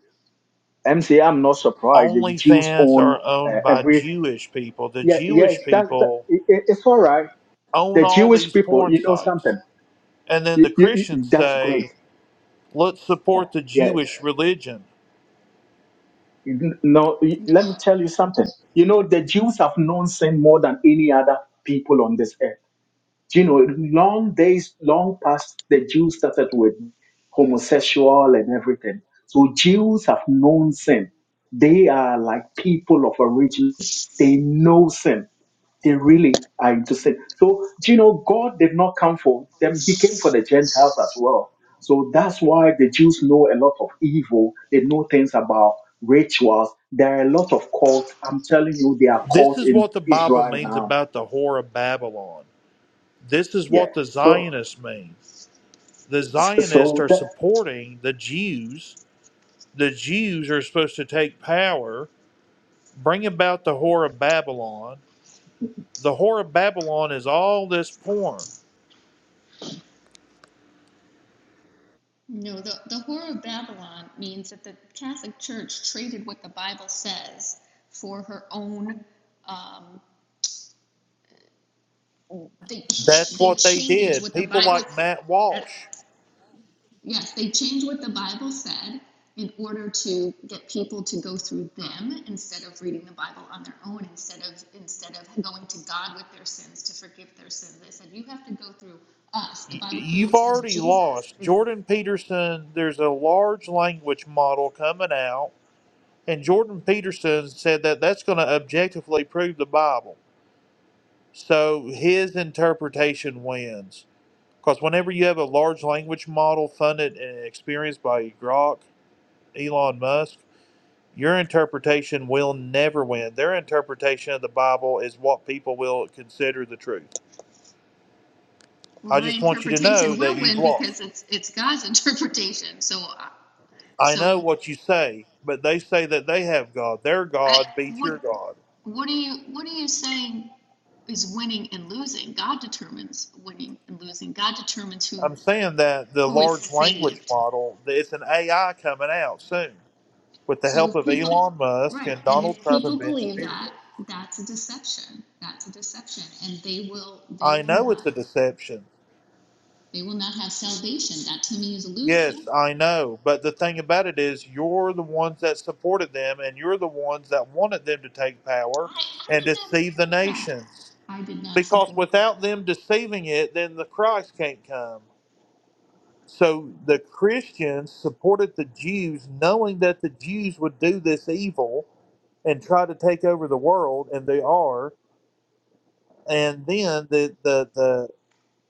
MC. I'm not surprised. The Jews
OnlyFans
own
are
uh,
owned by
every.
Jewish people. The
Yeah, yeah.
Jewish
That's that,
people
it, it- it's all right.
own
The
all
Jewish
these
people,
porn
you know
sites.
something.
And then
You,
the
you, you-
Christians
that's great.
say, let's support the
Yeah.
Jewish religion.
You- No, you- let me tell you something. You know the Jews have known sin more than any other people on this earth you know, long days, long past the Jews started with homosexual and everything. So Jews have known sin. They are like people of origin. They know sin. They really are into sin. So, you know, God did not come for them. He came for the Gentiles as well. So that's why the Jews know a lot of evil. They know things about rituals. There are a lot of cults. I'm telling you, they are
This
cults
is
in
what the Bible
Israel
means
now.
about the Whore of Babylon. This is
Yeah.
what the
So,
Zionists mean. The Zionists
so
are supporting the Jews. The Jews are supposed to take power, bring about the Whore of Babylon, The whore of Babylon is all this porn.
No, the, the Whore of Babylon means that the Catholic Church traded what the Bible says for her own um, they ch-
That's
they
what they
change
did.
what the
People
Bible
like Matt Walsh.
that yes they change what the Bible said in order to get people to go through them instead of reading the Bible on their own instead of instead of going to God with their sins to forgive their sins they said you have to go through us the
Y-
Bible
You've
clearly says
already
Jesus
lost.
is
Jordan Peterson, there's a large language model coming out, and Jordan Peterson said that that's going to objectively prove the Bible. So his interpretation wins. Because whenever you have a large language model funded and experienced by Grok, Elon Musk, Your interpretation will never win. Their interpretation of the Bible is what people will consider the truth.
well
I
my
just want you to
interpretation
know that
will
you've
win
lost.
because it's it's God's (laughs) interpretation so uh,
I know
so
what you say, but they say that they have God. Their
I,
God beats your
what,
God.
what are you, what are you saying is winning and losing? God determines winning and losing. God determines who,
I'm saying that the
who is
large language
saved.
model, it's an AI coming out soon with the
So
help
if
of
people,
Elon Musk
right,
and
and
Donald
if
Trump
people
and Ben
believe
Shapiro.
that, that's a deception. That's a deception, and they will, they
I
will
know it's
not,
a deception.
they will not have salvation. That to me is losing.
Yes, I know. But the thing about it is, you're the ones that supported them, and you're the ones that wanted them to take power
I, I
and
did not
deceive the
support that.
nations.
I did not
Because
support that.
without them deceiving it, then the Christ can't come. So the Christians supported the Jews, knowing that the Jews would do this evil and try to take over the world, and they are. And then the the the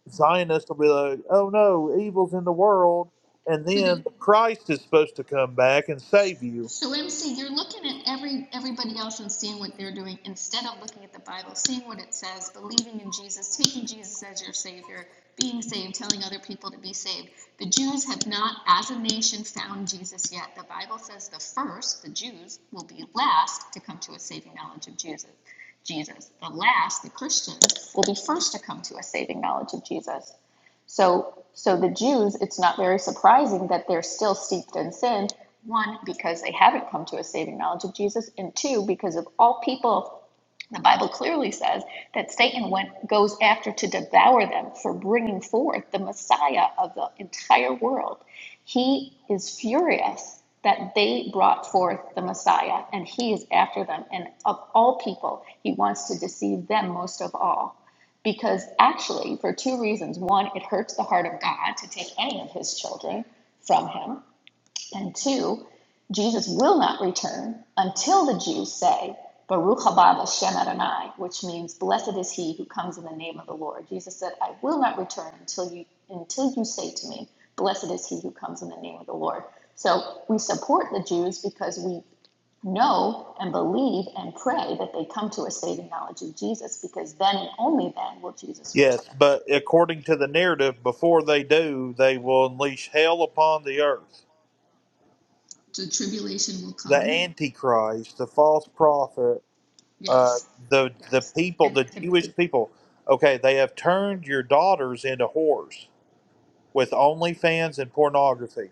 Zionists will be like, oh no, evil's in the world. And
So the.
then the Christ is supposed to come back and save you.
So MC, you're looking at every everybody else and seeing what they're doing instead of looking at the Bible, seeing what it says, believing in Jesus, taking Jesus as your savior, being saved, telling other people to be saved. The Jews have not as a nation found Jesus yet. The Bible says the first, the Jews, will be last to come to a saving knowledge of Jesus. Jesus, the last, the Christians, will be first to come to a saving knowledge of Jesus. So, so the Jews, it's not very surprising that they're still steeped in sin. One, because they haven't come to a saving knowledge of Jesus, and two, because of all people the Bible clearly says that Satan went, goes after to devour them for bringing forth the Messiah of the entire world. He is furious that they brought forth the Messiah and he is after them. And of all people, he wants to deceive them most of all because actually, for two reasons one, it hurts the heart of God to take any of his children from him, and two, Jesus will not return until the Jews say, Baruch haba Hashem Adonai, which means blessed is he who comes in the name of the Lord. Jesus said, I will not return until you until you say to me, blessed is he who comes in the name of the Lord. So we support the Jews because we know and believe and pray that they come to a saving knowledge of Jesus because then and only then will Jesus
Yes,
return.
but according to the narrative, before they do, they will unleash hell upon the earth.
So tribulation will
The
come.
Antichrist, the false prophet, uh,
Yes.
the the
Yes.
people,
And
the
and
Jewish people. Okay, they have turned your daughters into whores with OnlyFans and pornography.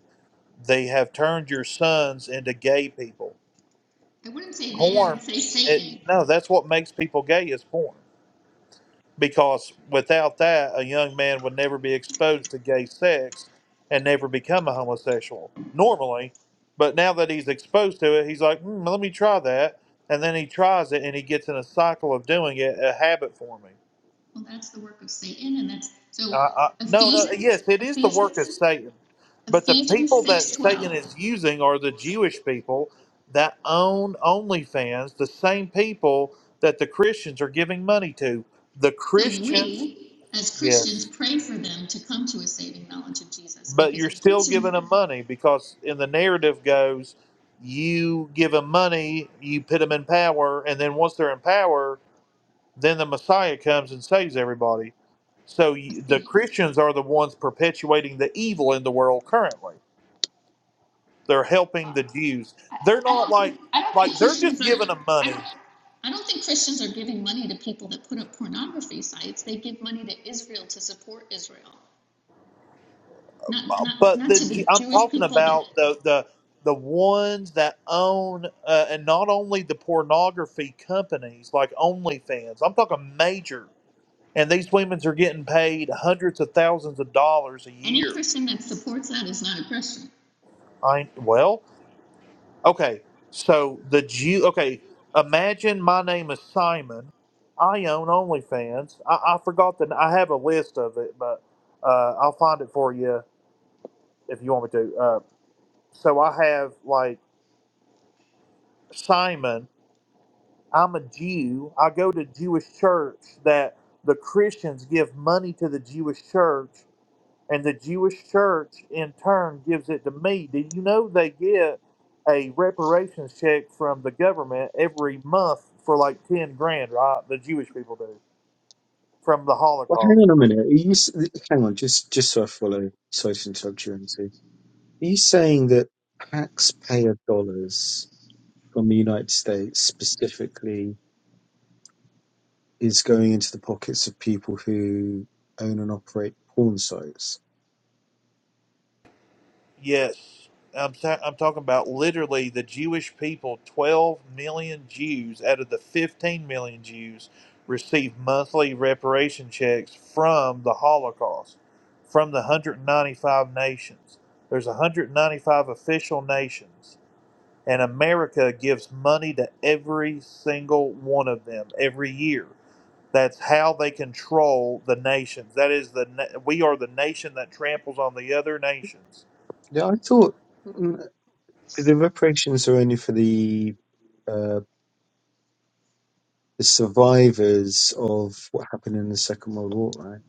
They have turned your sons into gay people.
I wouldn't say they, I would
porn
say
it
Satan.
no that's what makes people gay is porn because without that a young man would never be exposed to gay sex and never become a homosexual normally but now that he's exposed to it he's like hmm, let me try that and then he tries it and he gets in a cycle of doing it a habit forming
Well, that's the work of Satan, and that's so
Uh, uh, no, no.
Ephesians,
Yes, it is the work of
Ephesians,
Satan, but the
Ephesians
people that
six twelve.
Satan is using are the Jewish people that own OnlyFans, the same people that the Christians are giving money to. The
So
Christians,
we as
yes,
Christians pray for them to come to a saving knowledge of Jesus
but
because
you're still
Ephesians,
giving them money because in the
uh,
narrative goes, you give them money, you put them in power, and then once they're in power, Then the Messiah comes and saves everybody. So y- the
Ephe-
Christians are the ones perpetuating the evil in the world currently. They're helping
uh,
the Jews.
I,
They're
I
not
don't
like
think I don't think
like they're
Christians
just
are
giving them
I don't
money.
I don't think Christians are giving money to people that put up pornography sites. They give money to Israel to support Israel. Not not
But
not
the
to
Ju-
the
I'm
Jewish
talking
people that
about the the the ones that own uh, and not only the pornography companies like OnlyFans. I'm talking major. And these women's are getting paid hundreds of thousands of dollars a
any
year.
Christian that supports that is not a Christian.
I well, Okay, so the Jew. Okay, imagine my name is Simon. I own OnlyFans. I, I forgot the. I have a list of it, but uh, I'll find it for you if you want me to. Uh, so I have like Simon. I'm a Jew. I go to Jewish church that the Christians give money to the Jewish church and the Jewish church in turn gives it to me. Do you know they get a reparations check from the government every month for like 10 grand, right? The Jewish people do from the
Well, hang
Holocaust.
on a minute. Are you s- hang on just just so I follow. Sorry to interrupt you, Auntie. Are you saying that taxpayer dollars from the United States specifically is going into the pockets of people who own and operate porn sites?
Yes. I'm, ta- I'm talking about literally the Jewish people, 12 million Jews out of the 15 million Jews receive monthly reparation checks from the Holocaust, from the 195 nations. There's 195 official nations And America gives money to every single one of them every year. That's how they control the nations. That is the na- we are the nation that tramples on the other nations.
Yeah, I thought. mm, But the reparations are only for the uh, the survivors of what happened in the Second World War, right?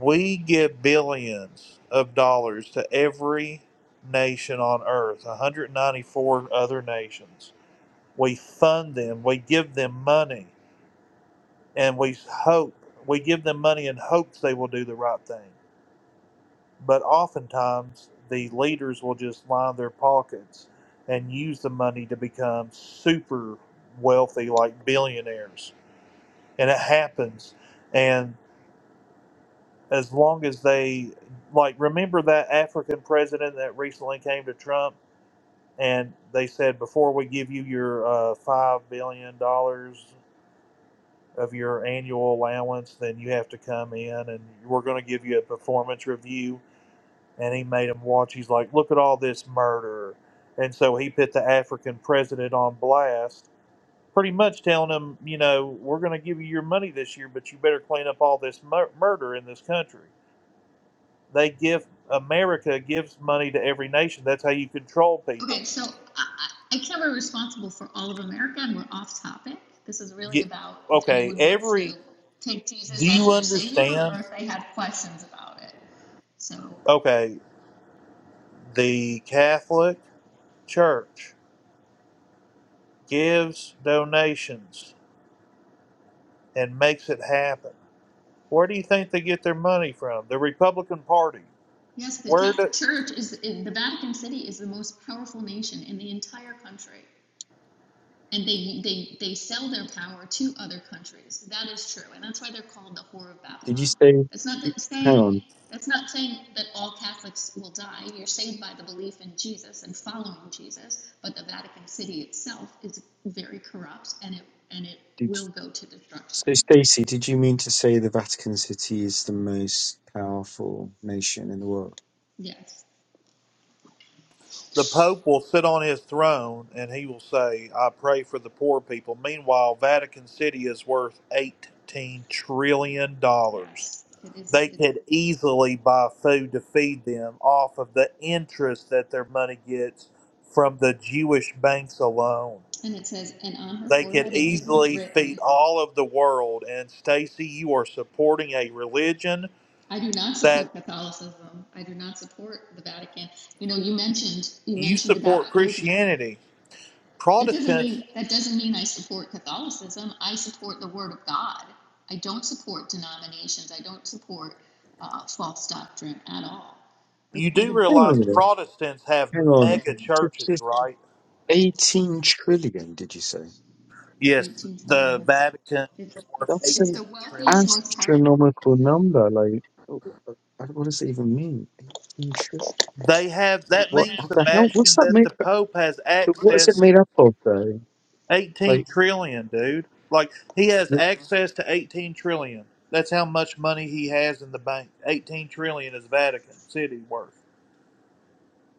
We give billions of dollars to every nation on earth, 194 other nations. We fund them, we give them money, and we hope we give them money in hopes they will do the right thing. but oftentimes the leaders will just line their pockets and use the money to become super wealthy, like billionaires. And it happens. And as long as they, like, remember that African president that recently came to Trump and they said, before we give you your uh, $5 billion dollars of your annual allowance, then you have to come in and we're going to give you a performance review and he made him watch. He's like, look at all this murder. And so he put the African president on blast, pretty much telling him, you know, we're going to give you your money this year, but you better clean up all this mur- murder in this country. They give America gives money to every nation. That's how you control
Okay,
people.
so I, I can't be responsible for all of America and we're off topic. This is really
Get,
about if
okay,
anyone wants
every
to take
do
Jesus
you
as their savior
understand?
or if they had questions about it. So
Okay, the Catholic Church gives donations and makes it happen Where do you think they get their money from? The Republican Party.
Yes, the
Where
Catholic
do,
Church is in the Vatican City is the most powerful nation in the entire country, and they they they sell their power to other countries. That is true, and that's why they're called the whore of
Did you
Babylon.
say?
That's not that
Hang
saying
on.
that's not saying that all Catholics will die. You're saved by the belief in Jesus and following Jesus, but the Vatican City itself is very corrupt, and it and it
Did
will go to destruction.
so, Stacey? Did you mean to say the Vatican City is the most powerful nation in the world?
Yes,
the Pope will sit on his throne and he will say, "I pray for the poor people." Meanwhile, Vatican City is worth eighteen trillion dollars.
Yes. it is.
They
It
could easily buy food to feed them off of the interest that their money gets from the Jewish banks alone.
and it says, and on her
They could
forehead a name was
easily
written
feed all of the world. And Stacy, you are supporting a religion
I do not
that.
support Catholicism. I do not support the Vatican. You know, you mentioned you
you
mentioned about
support
religion.
Christianity.
That doesn't
Protestants,
mean that doesn't mean I support Catholicism. I support the Word of God. I don't support denominations. I don't support uh, false doctrine at all. The,
you do
the
Hang on a
realize
minute.
Protestants have
Hang on.
mega
Just,
churches,
just
right?
eighteen trillion. Did you say?
Yes,
18 trillion.
the
That's
Vatican
it's,
is worth
it's
That's
eight
it's
an
the
trillion.
wealthiest, most powerful
astronomical
nation,
number. Like, I- what does it even mean? Eighteen trillion.
They have that
What
means
the hell? What's
Sebastian
that
that
made?
the Pope has
What is it
access
made up of? Though?
eighteen
Like,
trillion, dude. Like he has
the-
access to eighteen trillion. That's how much money he has in the bank. Eighteen trillion is Vatican City worth,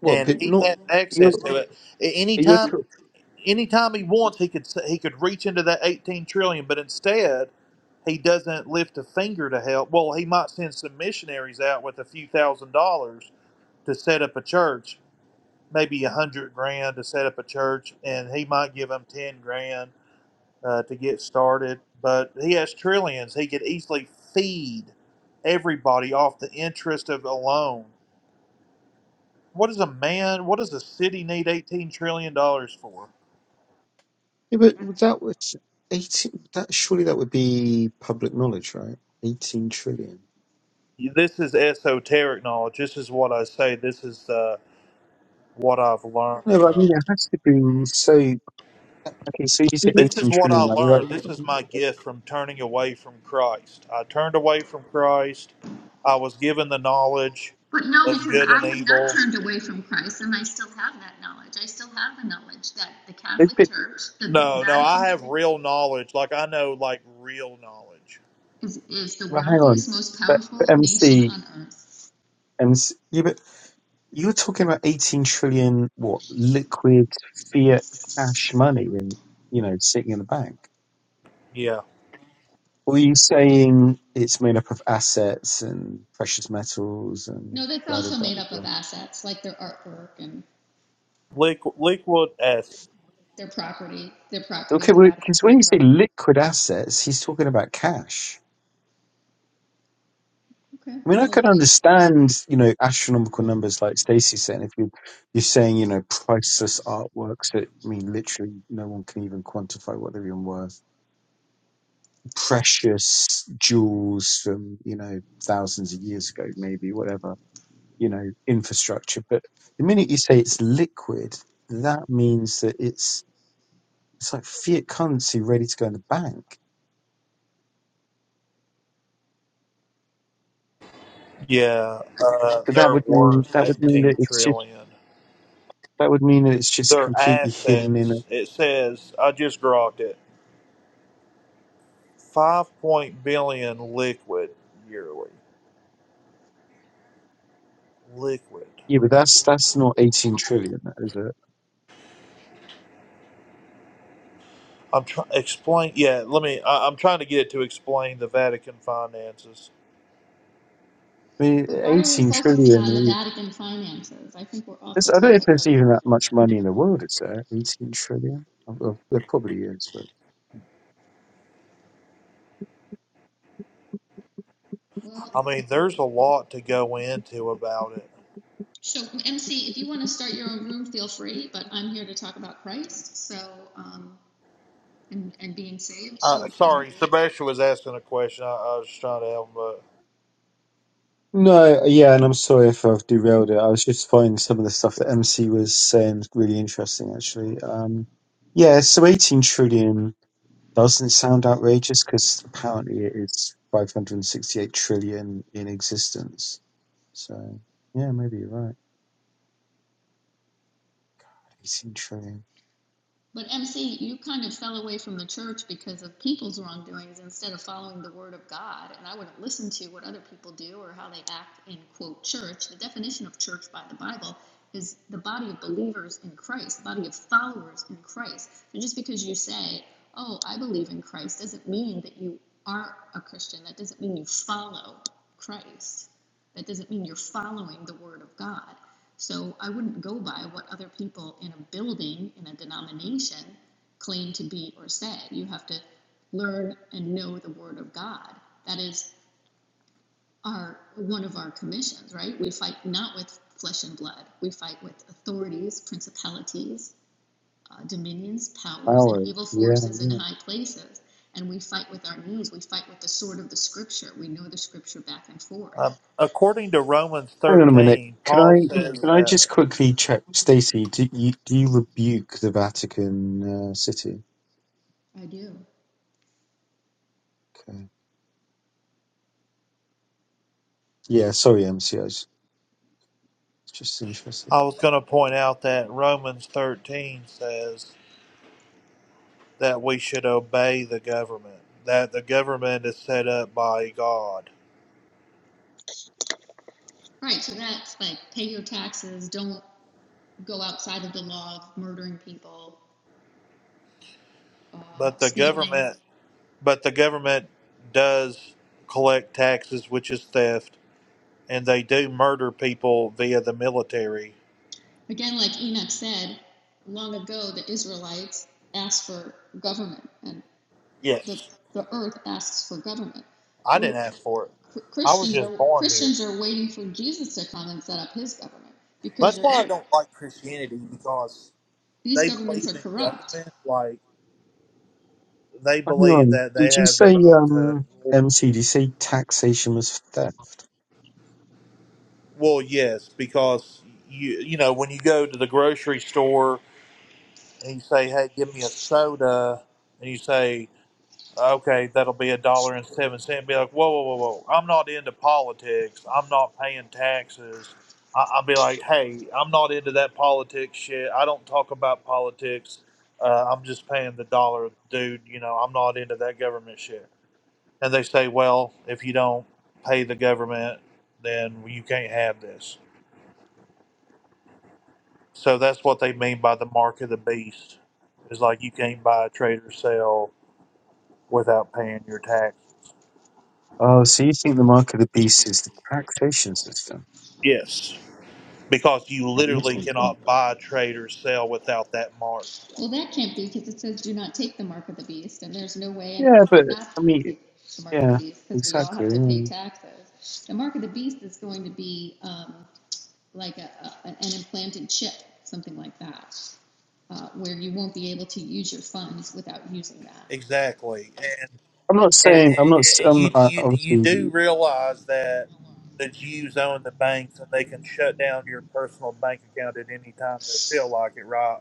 well,
and
and
but
it's,
he
not
has
you're
access to it. At any
you're
time
tr-
anytime he wants, he could he could reach into that 18 trillion, but instead, he doesn't lift a finger to help. Well, he might send some missionaries out with a few thousand dollars to set up a church, maybe a hundred grand to set up a church, and he might give them 10 grand uh, to get started. But he has trillions; he could easily feed everybody off the interest of a loan. What does a man? What does a city need 18 trillion dollars for?
yeah,
that,
but that was eighteen. That surely that would be public knowledge, right? Eighteen trillion.
This is esoteric knowledge. This is what I say. This is uh, what I've learned
No, but I
from.
mean it has to be so. Okay, so you said
This
eighteen
is what I
trillion, right? You're Like,
learned. This is my gift from turning away from Christ. I turned away from Christ. I was given the knowledge
But
of
no, because
good and
I have not
evil.
turned away from Christ, and I still have that knowledge. I still have the knowledge that the
it,
Catholic
but,
Church, the, the
No, no,
Vatican
I have
City,
real knowledge. Like I know, like real knowledge.
is, is the
well, hang on,
wealthiest, most
but, but
powerful nation
MC,
on earth.
MC, yeah, but you're talking about 18 trillion what liquid fiat cash money and you know sitting in the bank
Yeah,
Were you saying it's made up of assets and precious metals and
No, that's
blah, blah,
also
blah,
made
blah?
up of
blah?
assets like their artwork and
liquid, liquid acid.
their property, their property,
Okay,
the Vatican
because when
City
you say
property.
liquid assets, he's talking about cash.
Okay,
I mean, I
well,
can
it,
understand, you know, astronomical numbers like Stacey said. If you, you're saying, you know, priceless artworks that mean literally no one can even quantify what they're even worth. Precious jewels from, you know, thousands of years ago, maybe, whatever you know, infrastructure. But the minute you say it's liquid, that means that it's it's like fiat currency ready to go in the bank.
Yeah, uh,
But that
they're
would mean
worth
that would mean that
eighteen
it's just
trillion.
that would mean that it's just
Their
completely hidden in a
assets. It says I just grokked it. five point billion liquid yearly. Liquid.
yeah. But that's that's not eighteen trillion, is it?
I'm trying to explain. Yeah, let me. I, I'm trying to get it to explain the Vatican finances.
I mean,
but why are we
eighteen
focusing on the
trillion. Is,
Vatican finances? I think we're off
it's-
the
I don't know if
topic of.
there's
it.
even that much money in the world, is there? Eighteen trillion. Oh, well, There probably is, but
Well,
I mean, there's a lot to go into about it.
So, MC, if you want to start your own room, feel free, but I'm here to talk about Christ, so, um, and, and being saved to
Uh, sorry,
eternity.
Sebastian was asking a question. I, I was trying to help him. But,
No, yeah, and I'm sorry if I've derailed it. I was just finding some of the stuff that MC was saying really interesting, actually. Um, yeah, so 18 trillion doesn't sound outrageous because apparently it is 568 trillion in existence. So, yeah, maybe you're right. 18 trillion.
But MC, you kind of fell away from the church because of people's wrongdoings instead of following the word of God. And I wouldn't listen to what other people do or how they act in, quote, church. The definition of church by the Bible is the body of believers in Christ, the body of followers in Christ. And just because you say, oh, I believe in Christ, doesn't mean that you are a Christian. That doesn't mean you follow Christ. That doesn't mean you're following the word of God. So I wouldn't go by what other people in a building, in a denomination, claim to be or say. You have to learn and know the Word of God. That is our one of our commissions, right? We fight not with flesh and blood. We fight with authorities, principalities, uh, dominions, powers,
Oh,
and evil
yeah,
forces
yeah.
in high places. And we fight with our knees. We fight with the sword of the Scripture. We know the Scripture back and forth.
um, according to Romans
Hang on a minute.
13,
Can
Paul
I
says
can
Mhm.
I
that
just quickly check, Stacey? Do you do you rebuke the Vatican uh, City?
I do.
Okay. Yeah. Sorry, MC. was just interested.
I was going to point out that Romans 13 says that we should obey the government. That the government is set up by God
Right. So that's like pay your taxes. Don't. go outside of the law of murdering people, uh,
But the
stealing.
government, but the government does collect taxes, which is theft, and they do murder people via the military.
Again, like Enoch said, long ago the Israelites asked for government, and the,
Yes,
the earth asks for government.
I
We're,
didn't ask for it. I was
Christians
just
are
born here.
Christians are waiting for Jesus to come and set up his government because
That's
you're
why I
right.
don't like Christianity because
These
they
governments
believe
are
in
corrupt.
government. Like they
Hang
believe
on.
that
Did
they
you
have the
say
right to.
um MC? Did you say taxation was theft?
Well, yes, because you you know when you go to the grocery store and you say, "Hey, give me a soda," and you say. Okay, that'll be a dollar and seven cent. Be like, whoa, whoa, whoa, whoa. I'm not into politics. I'm not paying taxes. I, I'll be like, hey, I'm not into that politics shit. I don't talk about politics. Uh, I'm just paying the dollar, dude. You know, I'm not into that government shit. And they say, well, if you don't pay the government, then you can't have this. So that's what they mean by the mark of the beast. It's like you can't buy, trade, or sell without paying your tax.
Oh, so you think the mark of the beast is the taxation system?
Yes. because you
No, I'm
literally
listening to it.
cannot buy, trade, or sell without that mark.
Well, that can't be because it says do not take the mark of the beast, and there's no way
Yeah,
anyone
but
would not
I mean,
take the mark of the
yeah,
beast because we all
exactly.
have to pay
yeah.
taxes. The mark of the beast is going to be um, like a, a, an implanted chip, something like that, uh, where you won't be able to use your funds without using that.
Exactly, and
I'm not
and,
saying I'm not. s-
and
I'm
you
I
you you do
obviously.
realize that the Jews own the banks and they can shut down your personal bank account at any time they feel like it, right?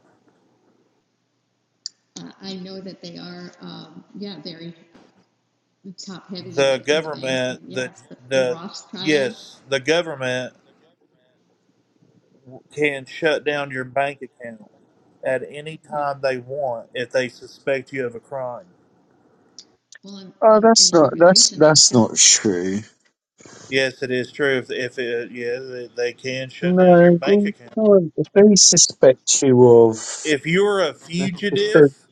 Uh, I know that they are, um, yeah, very uh, top heavy in
The
the in the bank, and
government, the
yes, the, the
the
Rothschilds,
yes, the government can shut down your bank account at any
yeah.
time they want if they suspect you of a crime.
Well, and,
Oh,
and in
that's
in
not. That's
tribulation, that's
that's
gonna.
not true.
Yes, it is true. If, if it, yeah, they, they can shut down your
No,
bank
they
account.
can't. If they suspect you of,
If you're a fugitive,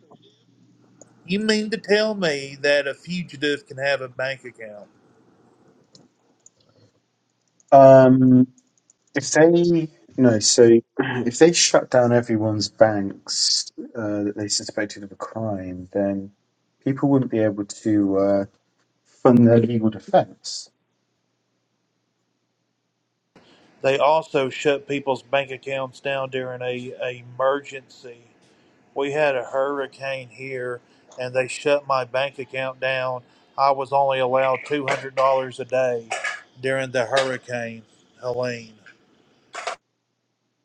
you mean to tell me that a fugitive can have a bank account?
um, if they no, so if they shut down everyone's banks uh, that they suspected of a crime, then people wouldn't be able to uh, fund their legal defence.
They also shut people's bank accounts down during a, a emergency. We had a hurricane here, and they shut my bank account down. I was only allowed two hundred dollars a day during the hurricane, Helene.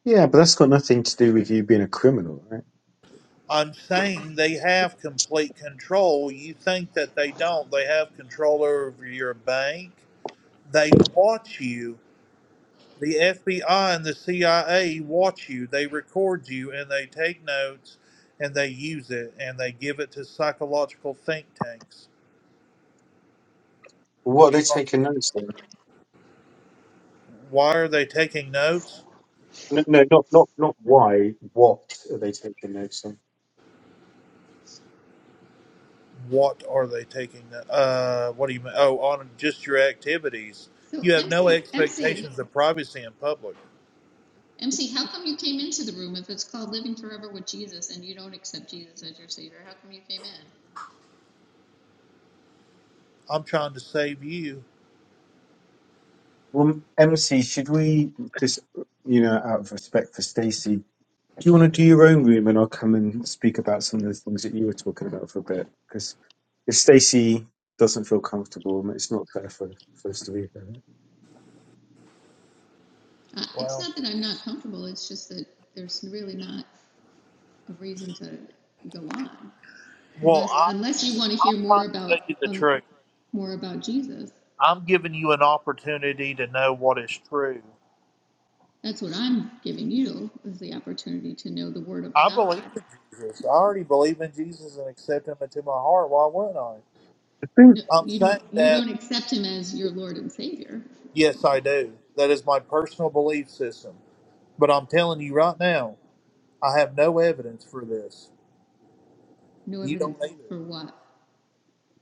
Yeah, but that's got nothing to do with you being a criminal, right?
I'm saying they have complete control. You think that they don't. They have control over your bank. They watch you. The FBI and the CIA watch you. They record you and they take notes and they use it and they give it to psychological think tanks.
What are they
Because
taking notes on?
why are they taking notes?
No, no, not not not why. What are they taking notes on?
What are they taking? no- Uh, what do you mean? Oh, on just your activities.
So
You have no
MC MC,
expectations of privacy in public.
MC, how come you came into the room if it's called Living Forever with Jesus and you don't accept Jesus as your Savior? How come you came in?
I'm trying to save you.
Well, MC, should we, because, you know, out of respect for Stacey, do you want to do your own room and I'll come and speak about some of the things that you were talking about for a bit? Because if Stacey doesn't feel comfortable, it's not fair for, for us to leave her.
Uh, it's
Well,
not that I'm not comfortable. It's just that there's really not a reason to go on
well,
unless
I'm
unless you
just,
want to
I'm
hear more
trying to tell
about
you the
um,
truth.
more about Jesus.
I'm giving you an opportunity to know what is true.
That's what I'm giving you is the opportunity to know the Word of
I believe
God.
in Jesus. I already believe in Jesus and accept Him into my heart. Why wouldn't I?
I think,
No,
I'm
you don't
saying
you
that.
don't accept Him as your Lord and Savior.
Yes, I do. That is my personal belief system. But I'm telling you right now, I have no evidence for this.
No
You
evidence
don't either.
for what?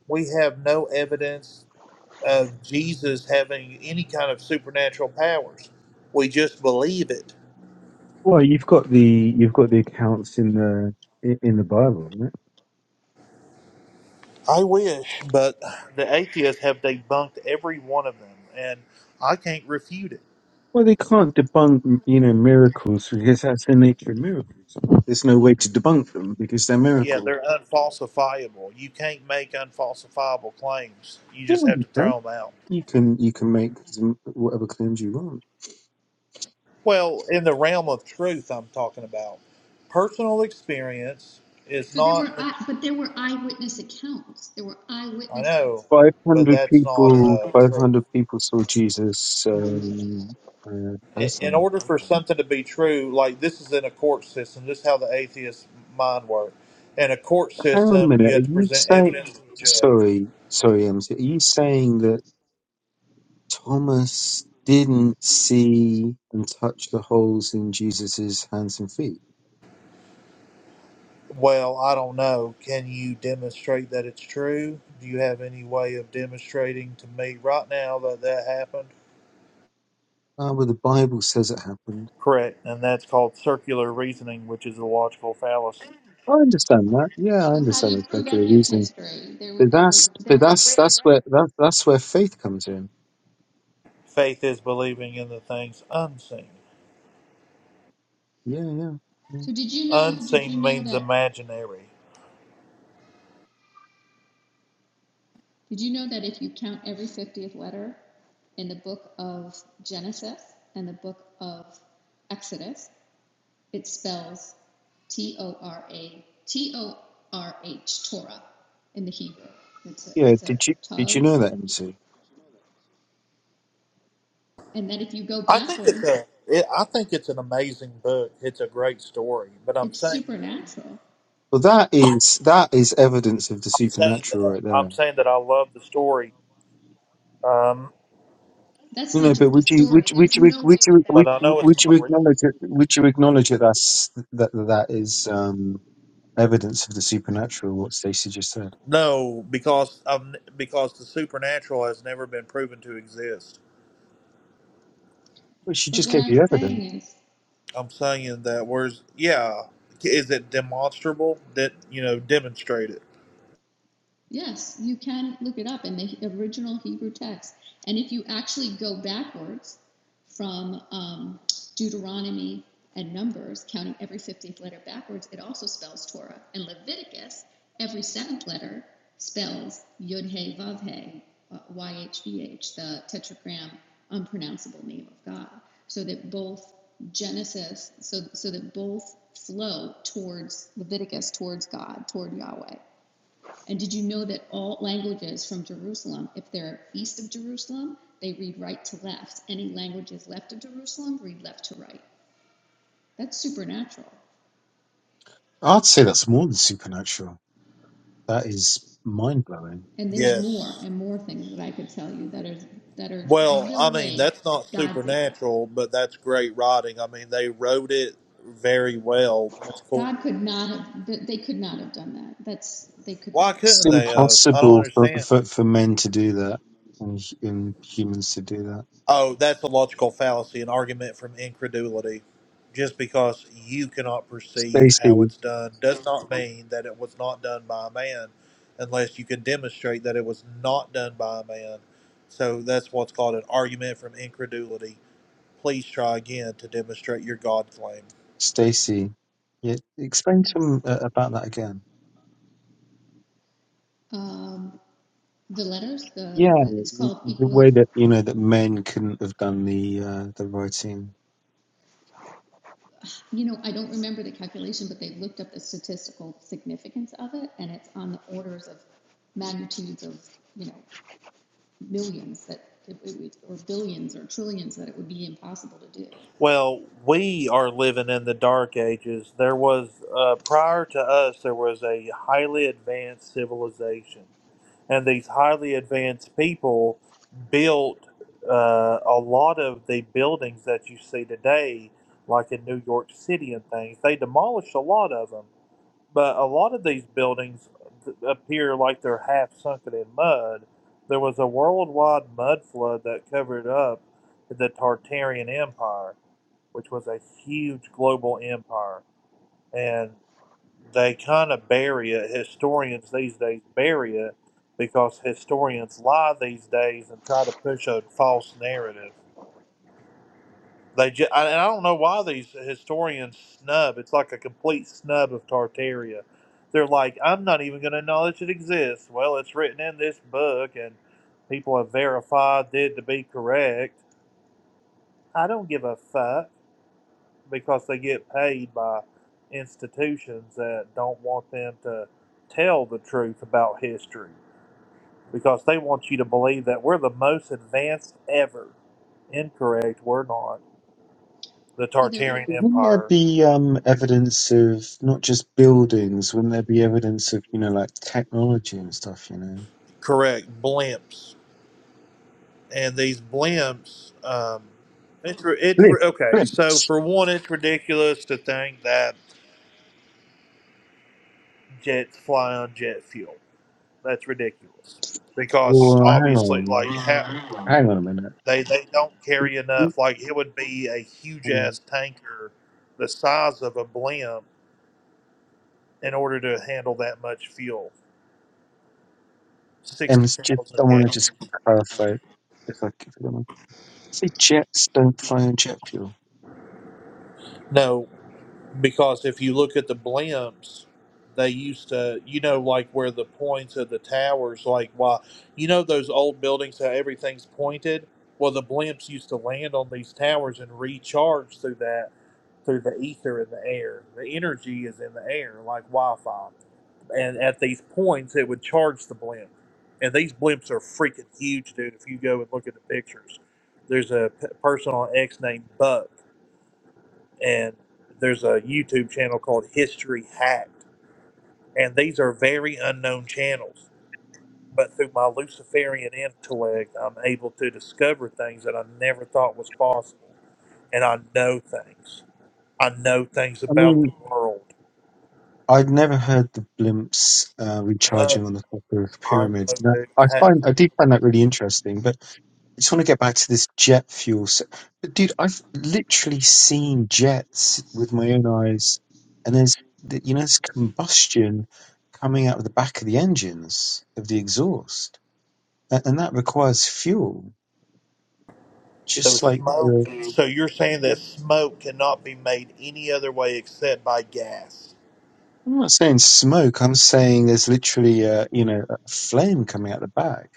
We have no evidence of Jesus having any kind of supernatural powers. We just believe it.
well, you've got the, you've got the accounts in the, in in the Bible,
I wish, but the atheists have debunked every one of them, and I can't refute it.
Well, they can't debunk, you know, miracles because that's the nature of miracles. There's no way to debunk them because they're
Yeah,
miracles.
they're unfalsifiable. You can't make unfalsifiable claims. You
Yeah,
just have
you
to
can.
throw them out.
You can you can make some- whatever claims you want.
Well, in the realm of truth, I'm talking about personal experience is
So there
not.
were, but there were eyewitness accounts. There were
I
eyewitnesses.
know,
Five
but
hundred
that's not
people,
uh,
five
true.
hundred people saw Jesus um, uh,
In in
personally.
order for something to be true, like this is in a court system. This is how the atheist mind works. In a court
Hang on a
system, you
minute. Are
have to
you
present
saying?
evidence to the judge.
Sorry, sorry, MC. Are you saying that? Thomas didn't see and touch the holes in Jesus's hands and feet.
Well, I don't know. Can you demonstrate that it's true? Do you have any way of demonstrating to me right now that that happened?
Ah, well, the Bible says it happened.
Correct. And that's called circular reasoning, which is a logical fallacy.
I understand that. Yeah, I
So how do
understand
you
that
prove
circular
any of
reasoning.
history? There were,
But
there were,
that's
there
but
were
that's
written
that's where
records.
that, that's where faith comes in.
Faith is believing in the things unseen.
Yeah, yeah, yeah.
So did you know? Did you
Unseen
know
means
that?
imaginary.
Did you know that if you count every fiftieth letter in the book of Genesis and the book of Exodus, it spells T O R A T O R H Torah in the Hebrew. It's a
Yeah.
it's a
Did you did you
tov,
know that, MC?
and then if you go
I think it's
backwards,
a. It, I think it's an amazing book. It's a great story, but I'm
it's
saying that
supernatural.
Well, that is that is evidence of the
I'm saying that
supernatural right there.
I'm saying that I love the story, um,
That's
No,
not
no, but
just the
would you
story.
would you-
There's
would you
no
would
way
you
that that
would
but I
you,
know it's
would
would
you
not
happen.
real.
acknowledge it? Would you acknowledge that that's that that is um, evidence of the supernatural? What Stacey just said.
No, because i because the supernatural has never been proven to exist.
Well, she
But
just
what
gave
I'm
you evidence.
saying is
I'm saying that where's yeah, is it demonstrable? That you know, demonstrate it.
Yes, you can look it up in the original Hebrew text. And if you actually go backwards from um, Deuteronomy and Numbers, counting every 15th letter backwards, it also spells Torah. And Leviticus, every seventh letter spells Yod He Vav He, uh, YHVH, the tetragram unpronounceable name of God. So that both Genesis, so, so that both flow towards Leviticus, towards God, toward Yahweh. And did you know that all languages from Jerusalem, if they're east of Jerusalem, they read right to left. Any languages left of Jerusalem read left to right. That's supernatural.
I'd say that's more than supernatural. That is mind blowing.
And there's more
Yes.
and more things that I could tell you that are that are
Well,
the
I mean
way
that's not
God did that.
supernatural, but that's great writing. I mean they wrote it very well. That's
God
cool.
could not have th- they could not have done that. That's they could
Why
not have done
It's
couldn't they
that.
have? I don't
impossible for,
understand.
for for men to do that and, hu- and humans to do that.
Oh, that's a logical fallacy, an argument from incredulity. Just because you cannot perceive how
Stacey,
it's done does not mean that it was not done by a man unless you can demonstrate that it was not done by a man. So that's what's called an argument from incredulity. Please try again to demonstrate your God claim.
Stacey, yeah, explain to
Yes.
'em, uh, about that again.
Um, the letters, the,
Yeah,
the it's
the
called
the
equal.
way that you know that men couldn't have done the uh, the writing.
You know, I don't remember the calculation, but they looked up the statistical significance of it, and it's on the orders of magnitudes of, you know, millions that it it or billions or trillions that it would be impossible to do.
Well, we are living in the dark ages. There was, uh, prior to us, there was a highly advanced civilization. And these highly advanced people built uh, a lot of the buildings that you see today, like in New York City and things. They demolished a lot of them. But a lot of these buildings th- appear like they're half sunken in mud. There was a worldwide mud flood that covered up the Tartarian Empire which was a huge global empire. And they kind of bury it, historians these days bury it because historians lie these days and try to push a false narrative. They ju- I- and I don't know why these historians snub. It's like a complete snub of Tartaria. They're like, I'm not even going to acknowledge it exists. Well, it's written in this book, and people have verified it to be correct. I don't give a fuck. because they get paid by institutions that don't want them to tell the truth about history because they want you to believe that we're the most advanced ever. Incorrect, we're not. The
Well, there will,
Tartarian
Wouldn't there
Empire.
be um, evidence of not just buildings? Wouldn't there be evidence of you know like technology and stuff? You know,
Correct, blimps. And these blimps, um, it's, ri- it's
blimp,
ri- okay. So,
blimps.
for one, it's ridiculous to think that jets fly on jet fuel. That's ridiculous because
Well, hang
obviously,
on,
like, how.
hang on a minute.
They they don't
Oop,
carry
oop,
enough. Like it would be a huge
hang on.
ass tanker, the size of a blimp, in order to handle that much fuel.
Um,
Sixty
it's just, I
thousand
want to
gallons.
just clarify if I if I can. Say jets don't fly on jet fuel.
No, because if you look at the blimps, they used to, you know, like where the points of the towers, like why, you know, those old buildings how everything's pointed. Well, the blimps used to land on these towers and recharge through that, through the ether in the air. The energy is in the air, like Wi-Fi and at these points it would charge the blimp and these blimps are freaking huge dude if you go and look at the pictures there's a p- person on x named buck and there's a youtube channel called history hacked and these are very unknown channels but through my luciferian intellect i'm able to discover things that i never thought was possible and i know things i know things
I
about
mean.
the world
I'd never heard the blimps uh,
i know
recharging on the top of
i
pyramids.
know
That,
dude
I find I do find that really interesting, but I just want to get back to this jet fuel. So, but dude, I've literally seen jets with my own eyes, and there's the- you know there's combustion coming out of the back of the engines of the exhaust, and, and that requires fuel.
So
Just like
smoke.
uh,
So you're saying that smoke cannot be made any other way except by gas.
I'm not saying smoke, I'm saying there's literally a, you know a flame coming out the back.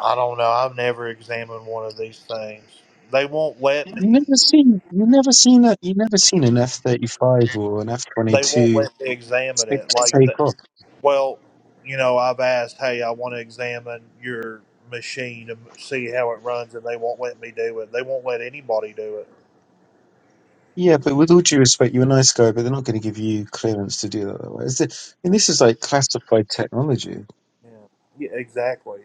I don't know. I've never examined one of these things. They won't let
You
me.
never seen you never seen a you never seen an F thirty five or an F twenty
They won't
two
let me examine
take
it. Like, the,
take off.
well, you know, I've asked, hey, I want to examine your machine and see how it runs, and they won't let me do it. They won't let anybody do it.
Yeah, but with all due respect, you're a nice guy, but they're not going to give you clearance to do that. that way. Is it- and this is like classified technology.
Yeah, yeah exactly.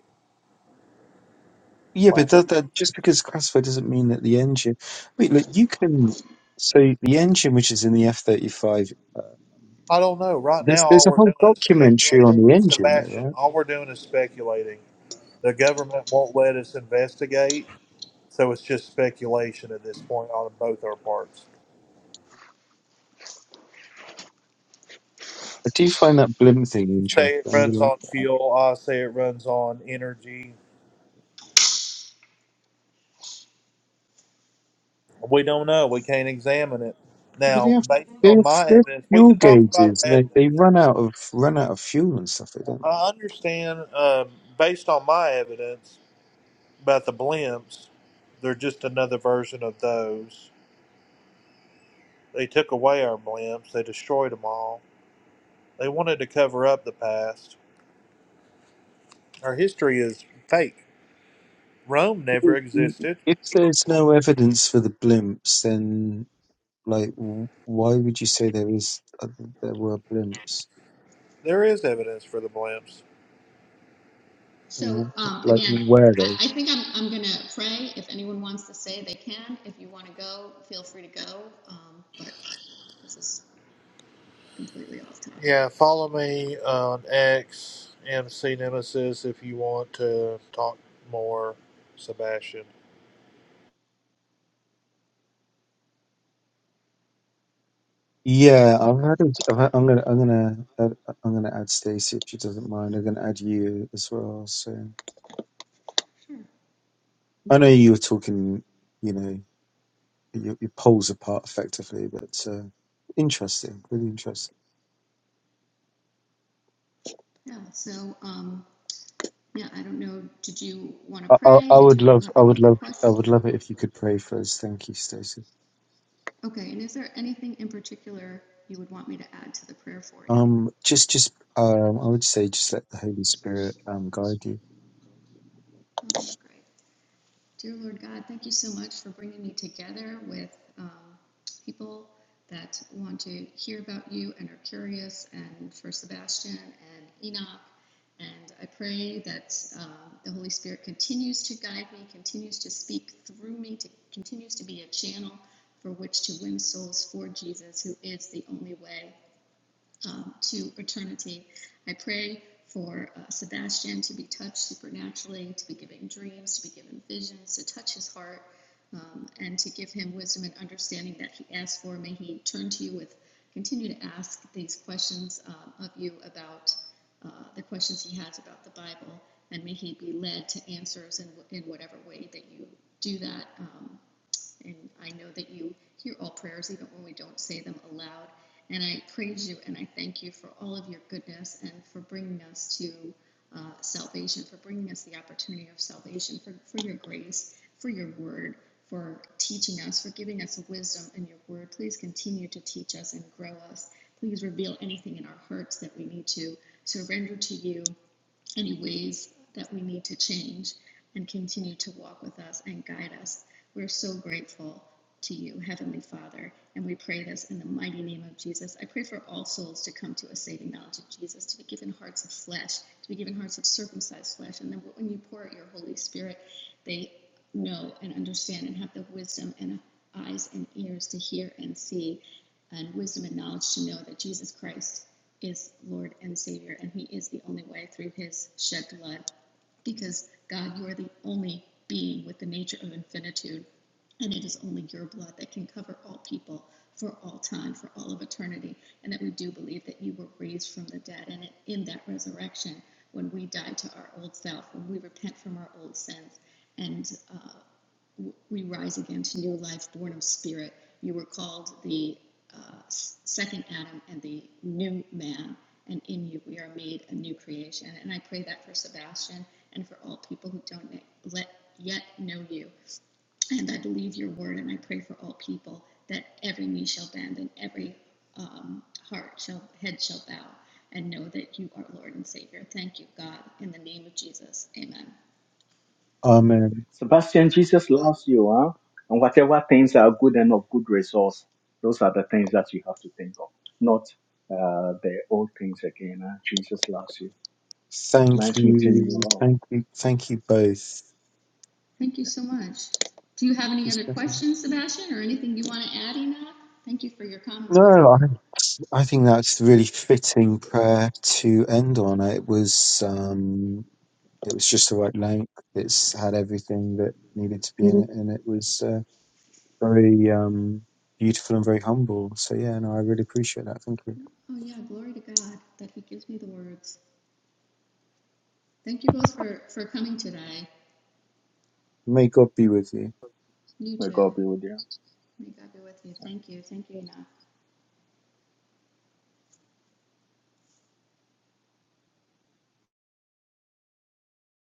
Yeah,
Wow.
but that, that just because classified doesn't mean that the engine. Wait, look, you can. So the engine, which is in the F thirty five,
I don't know. Right
there's
now,
there's
all
a
we're
whole
doing is
documentary on
speculating.
the engine, though,
Sebastian,
right?
all we're doing is speculating. The government won't let us investigate, so it's just speculation at this point on both our parts.
I do find that blimp thing
You say it runs
interesting.
on fuel, I say it runs on energy. We don't know. We can't examine it.
But they
Now,
have
based
they
on
have,
my
they have
evidence, we
fuel
can talk about
gauges, and they,
evidence.
they run out of run out of fuel and stuff, they don't
I understand, um, based on my evidence about the blimps, they're just another version of those. They took away our blimps, they destroyed them all. They wanted to cover up the past. Our history is fake. Rome never
they?
existed.
If there's no evidence for the blimps, then like, w- why would you say there is uh, there were blimps?
There is evidence for the blimps.
so
W-
um,
Like,
again,
where
I,
though?
I think I'm, I'm going to pray. If anyone wants to say, they can. If you want to go, feel free to go. Um, but this is completely off topic.
Yeah, follow me on XMC Nemesis, if you want to talk more, Sebastian.
Yeah, I've had. a- I've had I'm gonna. I'm gonna. Add, I'm gonna add Stacey if she doesn't mind. I'm gonna add you as well. So
Sure.
I know you were talking. You know, your, your poles apart effectively, but uh, interesting. Really interesting.
Yeah. So, um, Yeah, I don't know. Did you want to
I, I,
pray?
I
Did you
would love,
have
I
any
would
other
love, I
questions?
would love it if you could pray for us. Thank you, Stacey.
Okay, and is there anything in particular you would want me to add to the prayer for you?
Um, just, just, um, I would say, just let the Holy Spirit um guide you.
That's great. Dear Lord God, thank you so much for bringing me together with um, people that want to hear about you and are curious, and for Sebastian and Enoch. And I pray that um, the Holy Spirit continues to guide me, continues to speak through me, to, continues to be a channel for which to win souls for Jesus, who is the only way um, to eternity. I pray for uh, Sebastian to be touched supernaturally, to be given dreams, to be given visions, to touch his heart, um, and to give him wisdom and understanding that he asked for. May he turn to you with, continue to ask these questions um, of you about uh, the questions he has about the Bible, and may he be led to answers in, in whatever way that you do that. Um, us. And I know that you hear all prayers, even when we don't say them aloud. And I praise you and I thank you for all of your goodness and for bringing us to uh, salvation, for bringing us the opportunity of salvation, for, for your grace, for your word, for teaching us, for giving us wisdom in your word. Please continue to teach us and grow us. Please reveal anything in our hearts that we need to surrender to you any ways that we need to change and continue to walk with us and guide us. We're so grateful to you, Heavenly Father, and we pray this in the mighty name of Jesus. I pray for all souls to come to a saving knowledge of Jesus, to be given hearts of flesh, to be given hearts of circumcised flesh, and then when you pour out your Holy Spirit, they know and understand and have the wisdom and eyes and ears to hear and see, and wisdom and knowledge to know that Jesus Christ is Lord and Savior, and He is the only way through His shed blood. Because, God, you are the only being with the nature of infinitude, and it is only your blood that can cover all people for all time, for all of eternity. And that we do believe that you were raised from the dead, and in that resurrection, when we die to our old self, when we repent from our old sins, and uh, we rise again to new life born of spirit. You were called the uh, second Adam and the new man, and in you we are made a new creation. And I pray that for Sebastian and for all people who don't let, yet know you. And I believe your word, and I pray for all people that every knee shall bend and every um, heart shall head shall bow and know that you are Lord and Savior. Thank you, God, in the name of Jesus. Amen.
Amen.
Sebastian, Jesus loves you, huh? And whatever things are good and of good resource, those are the things that you have to think of, not uh, the old things again. Huh? Jesus loves you.
Thank
Nice meeting you
you,
all.
thank you, thank you both. Thank
Thank you
Yeah.
so much. Do you have
you,
any other
Stacey.
questions, Sebastian, or anything you want to add, Enoch? Thank you for your comments
No,
before.
I, I think that's really fitting prayer to end on. It was, um, it was just the right length. It's had everything that needed to be in it, and it was uh, very um beautiful and very humble. So yeah, no, I really appreciate that. Thank you.
Oh yeah, glory to God that He gives me the words. Thank you both for for coming today.
May God be with you.
You
May
too.
God be with you.
May God be with you. Thank you. Thank you, Enoch.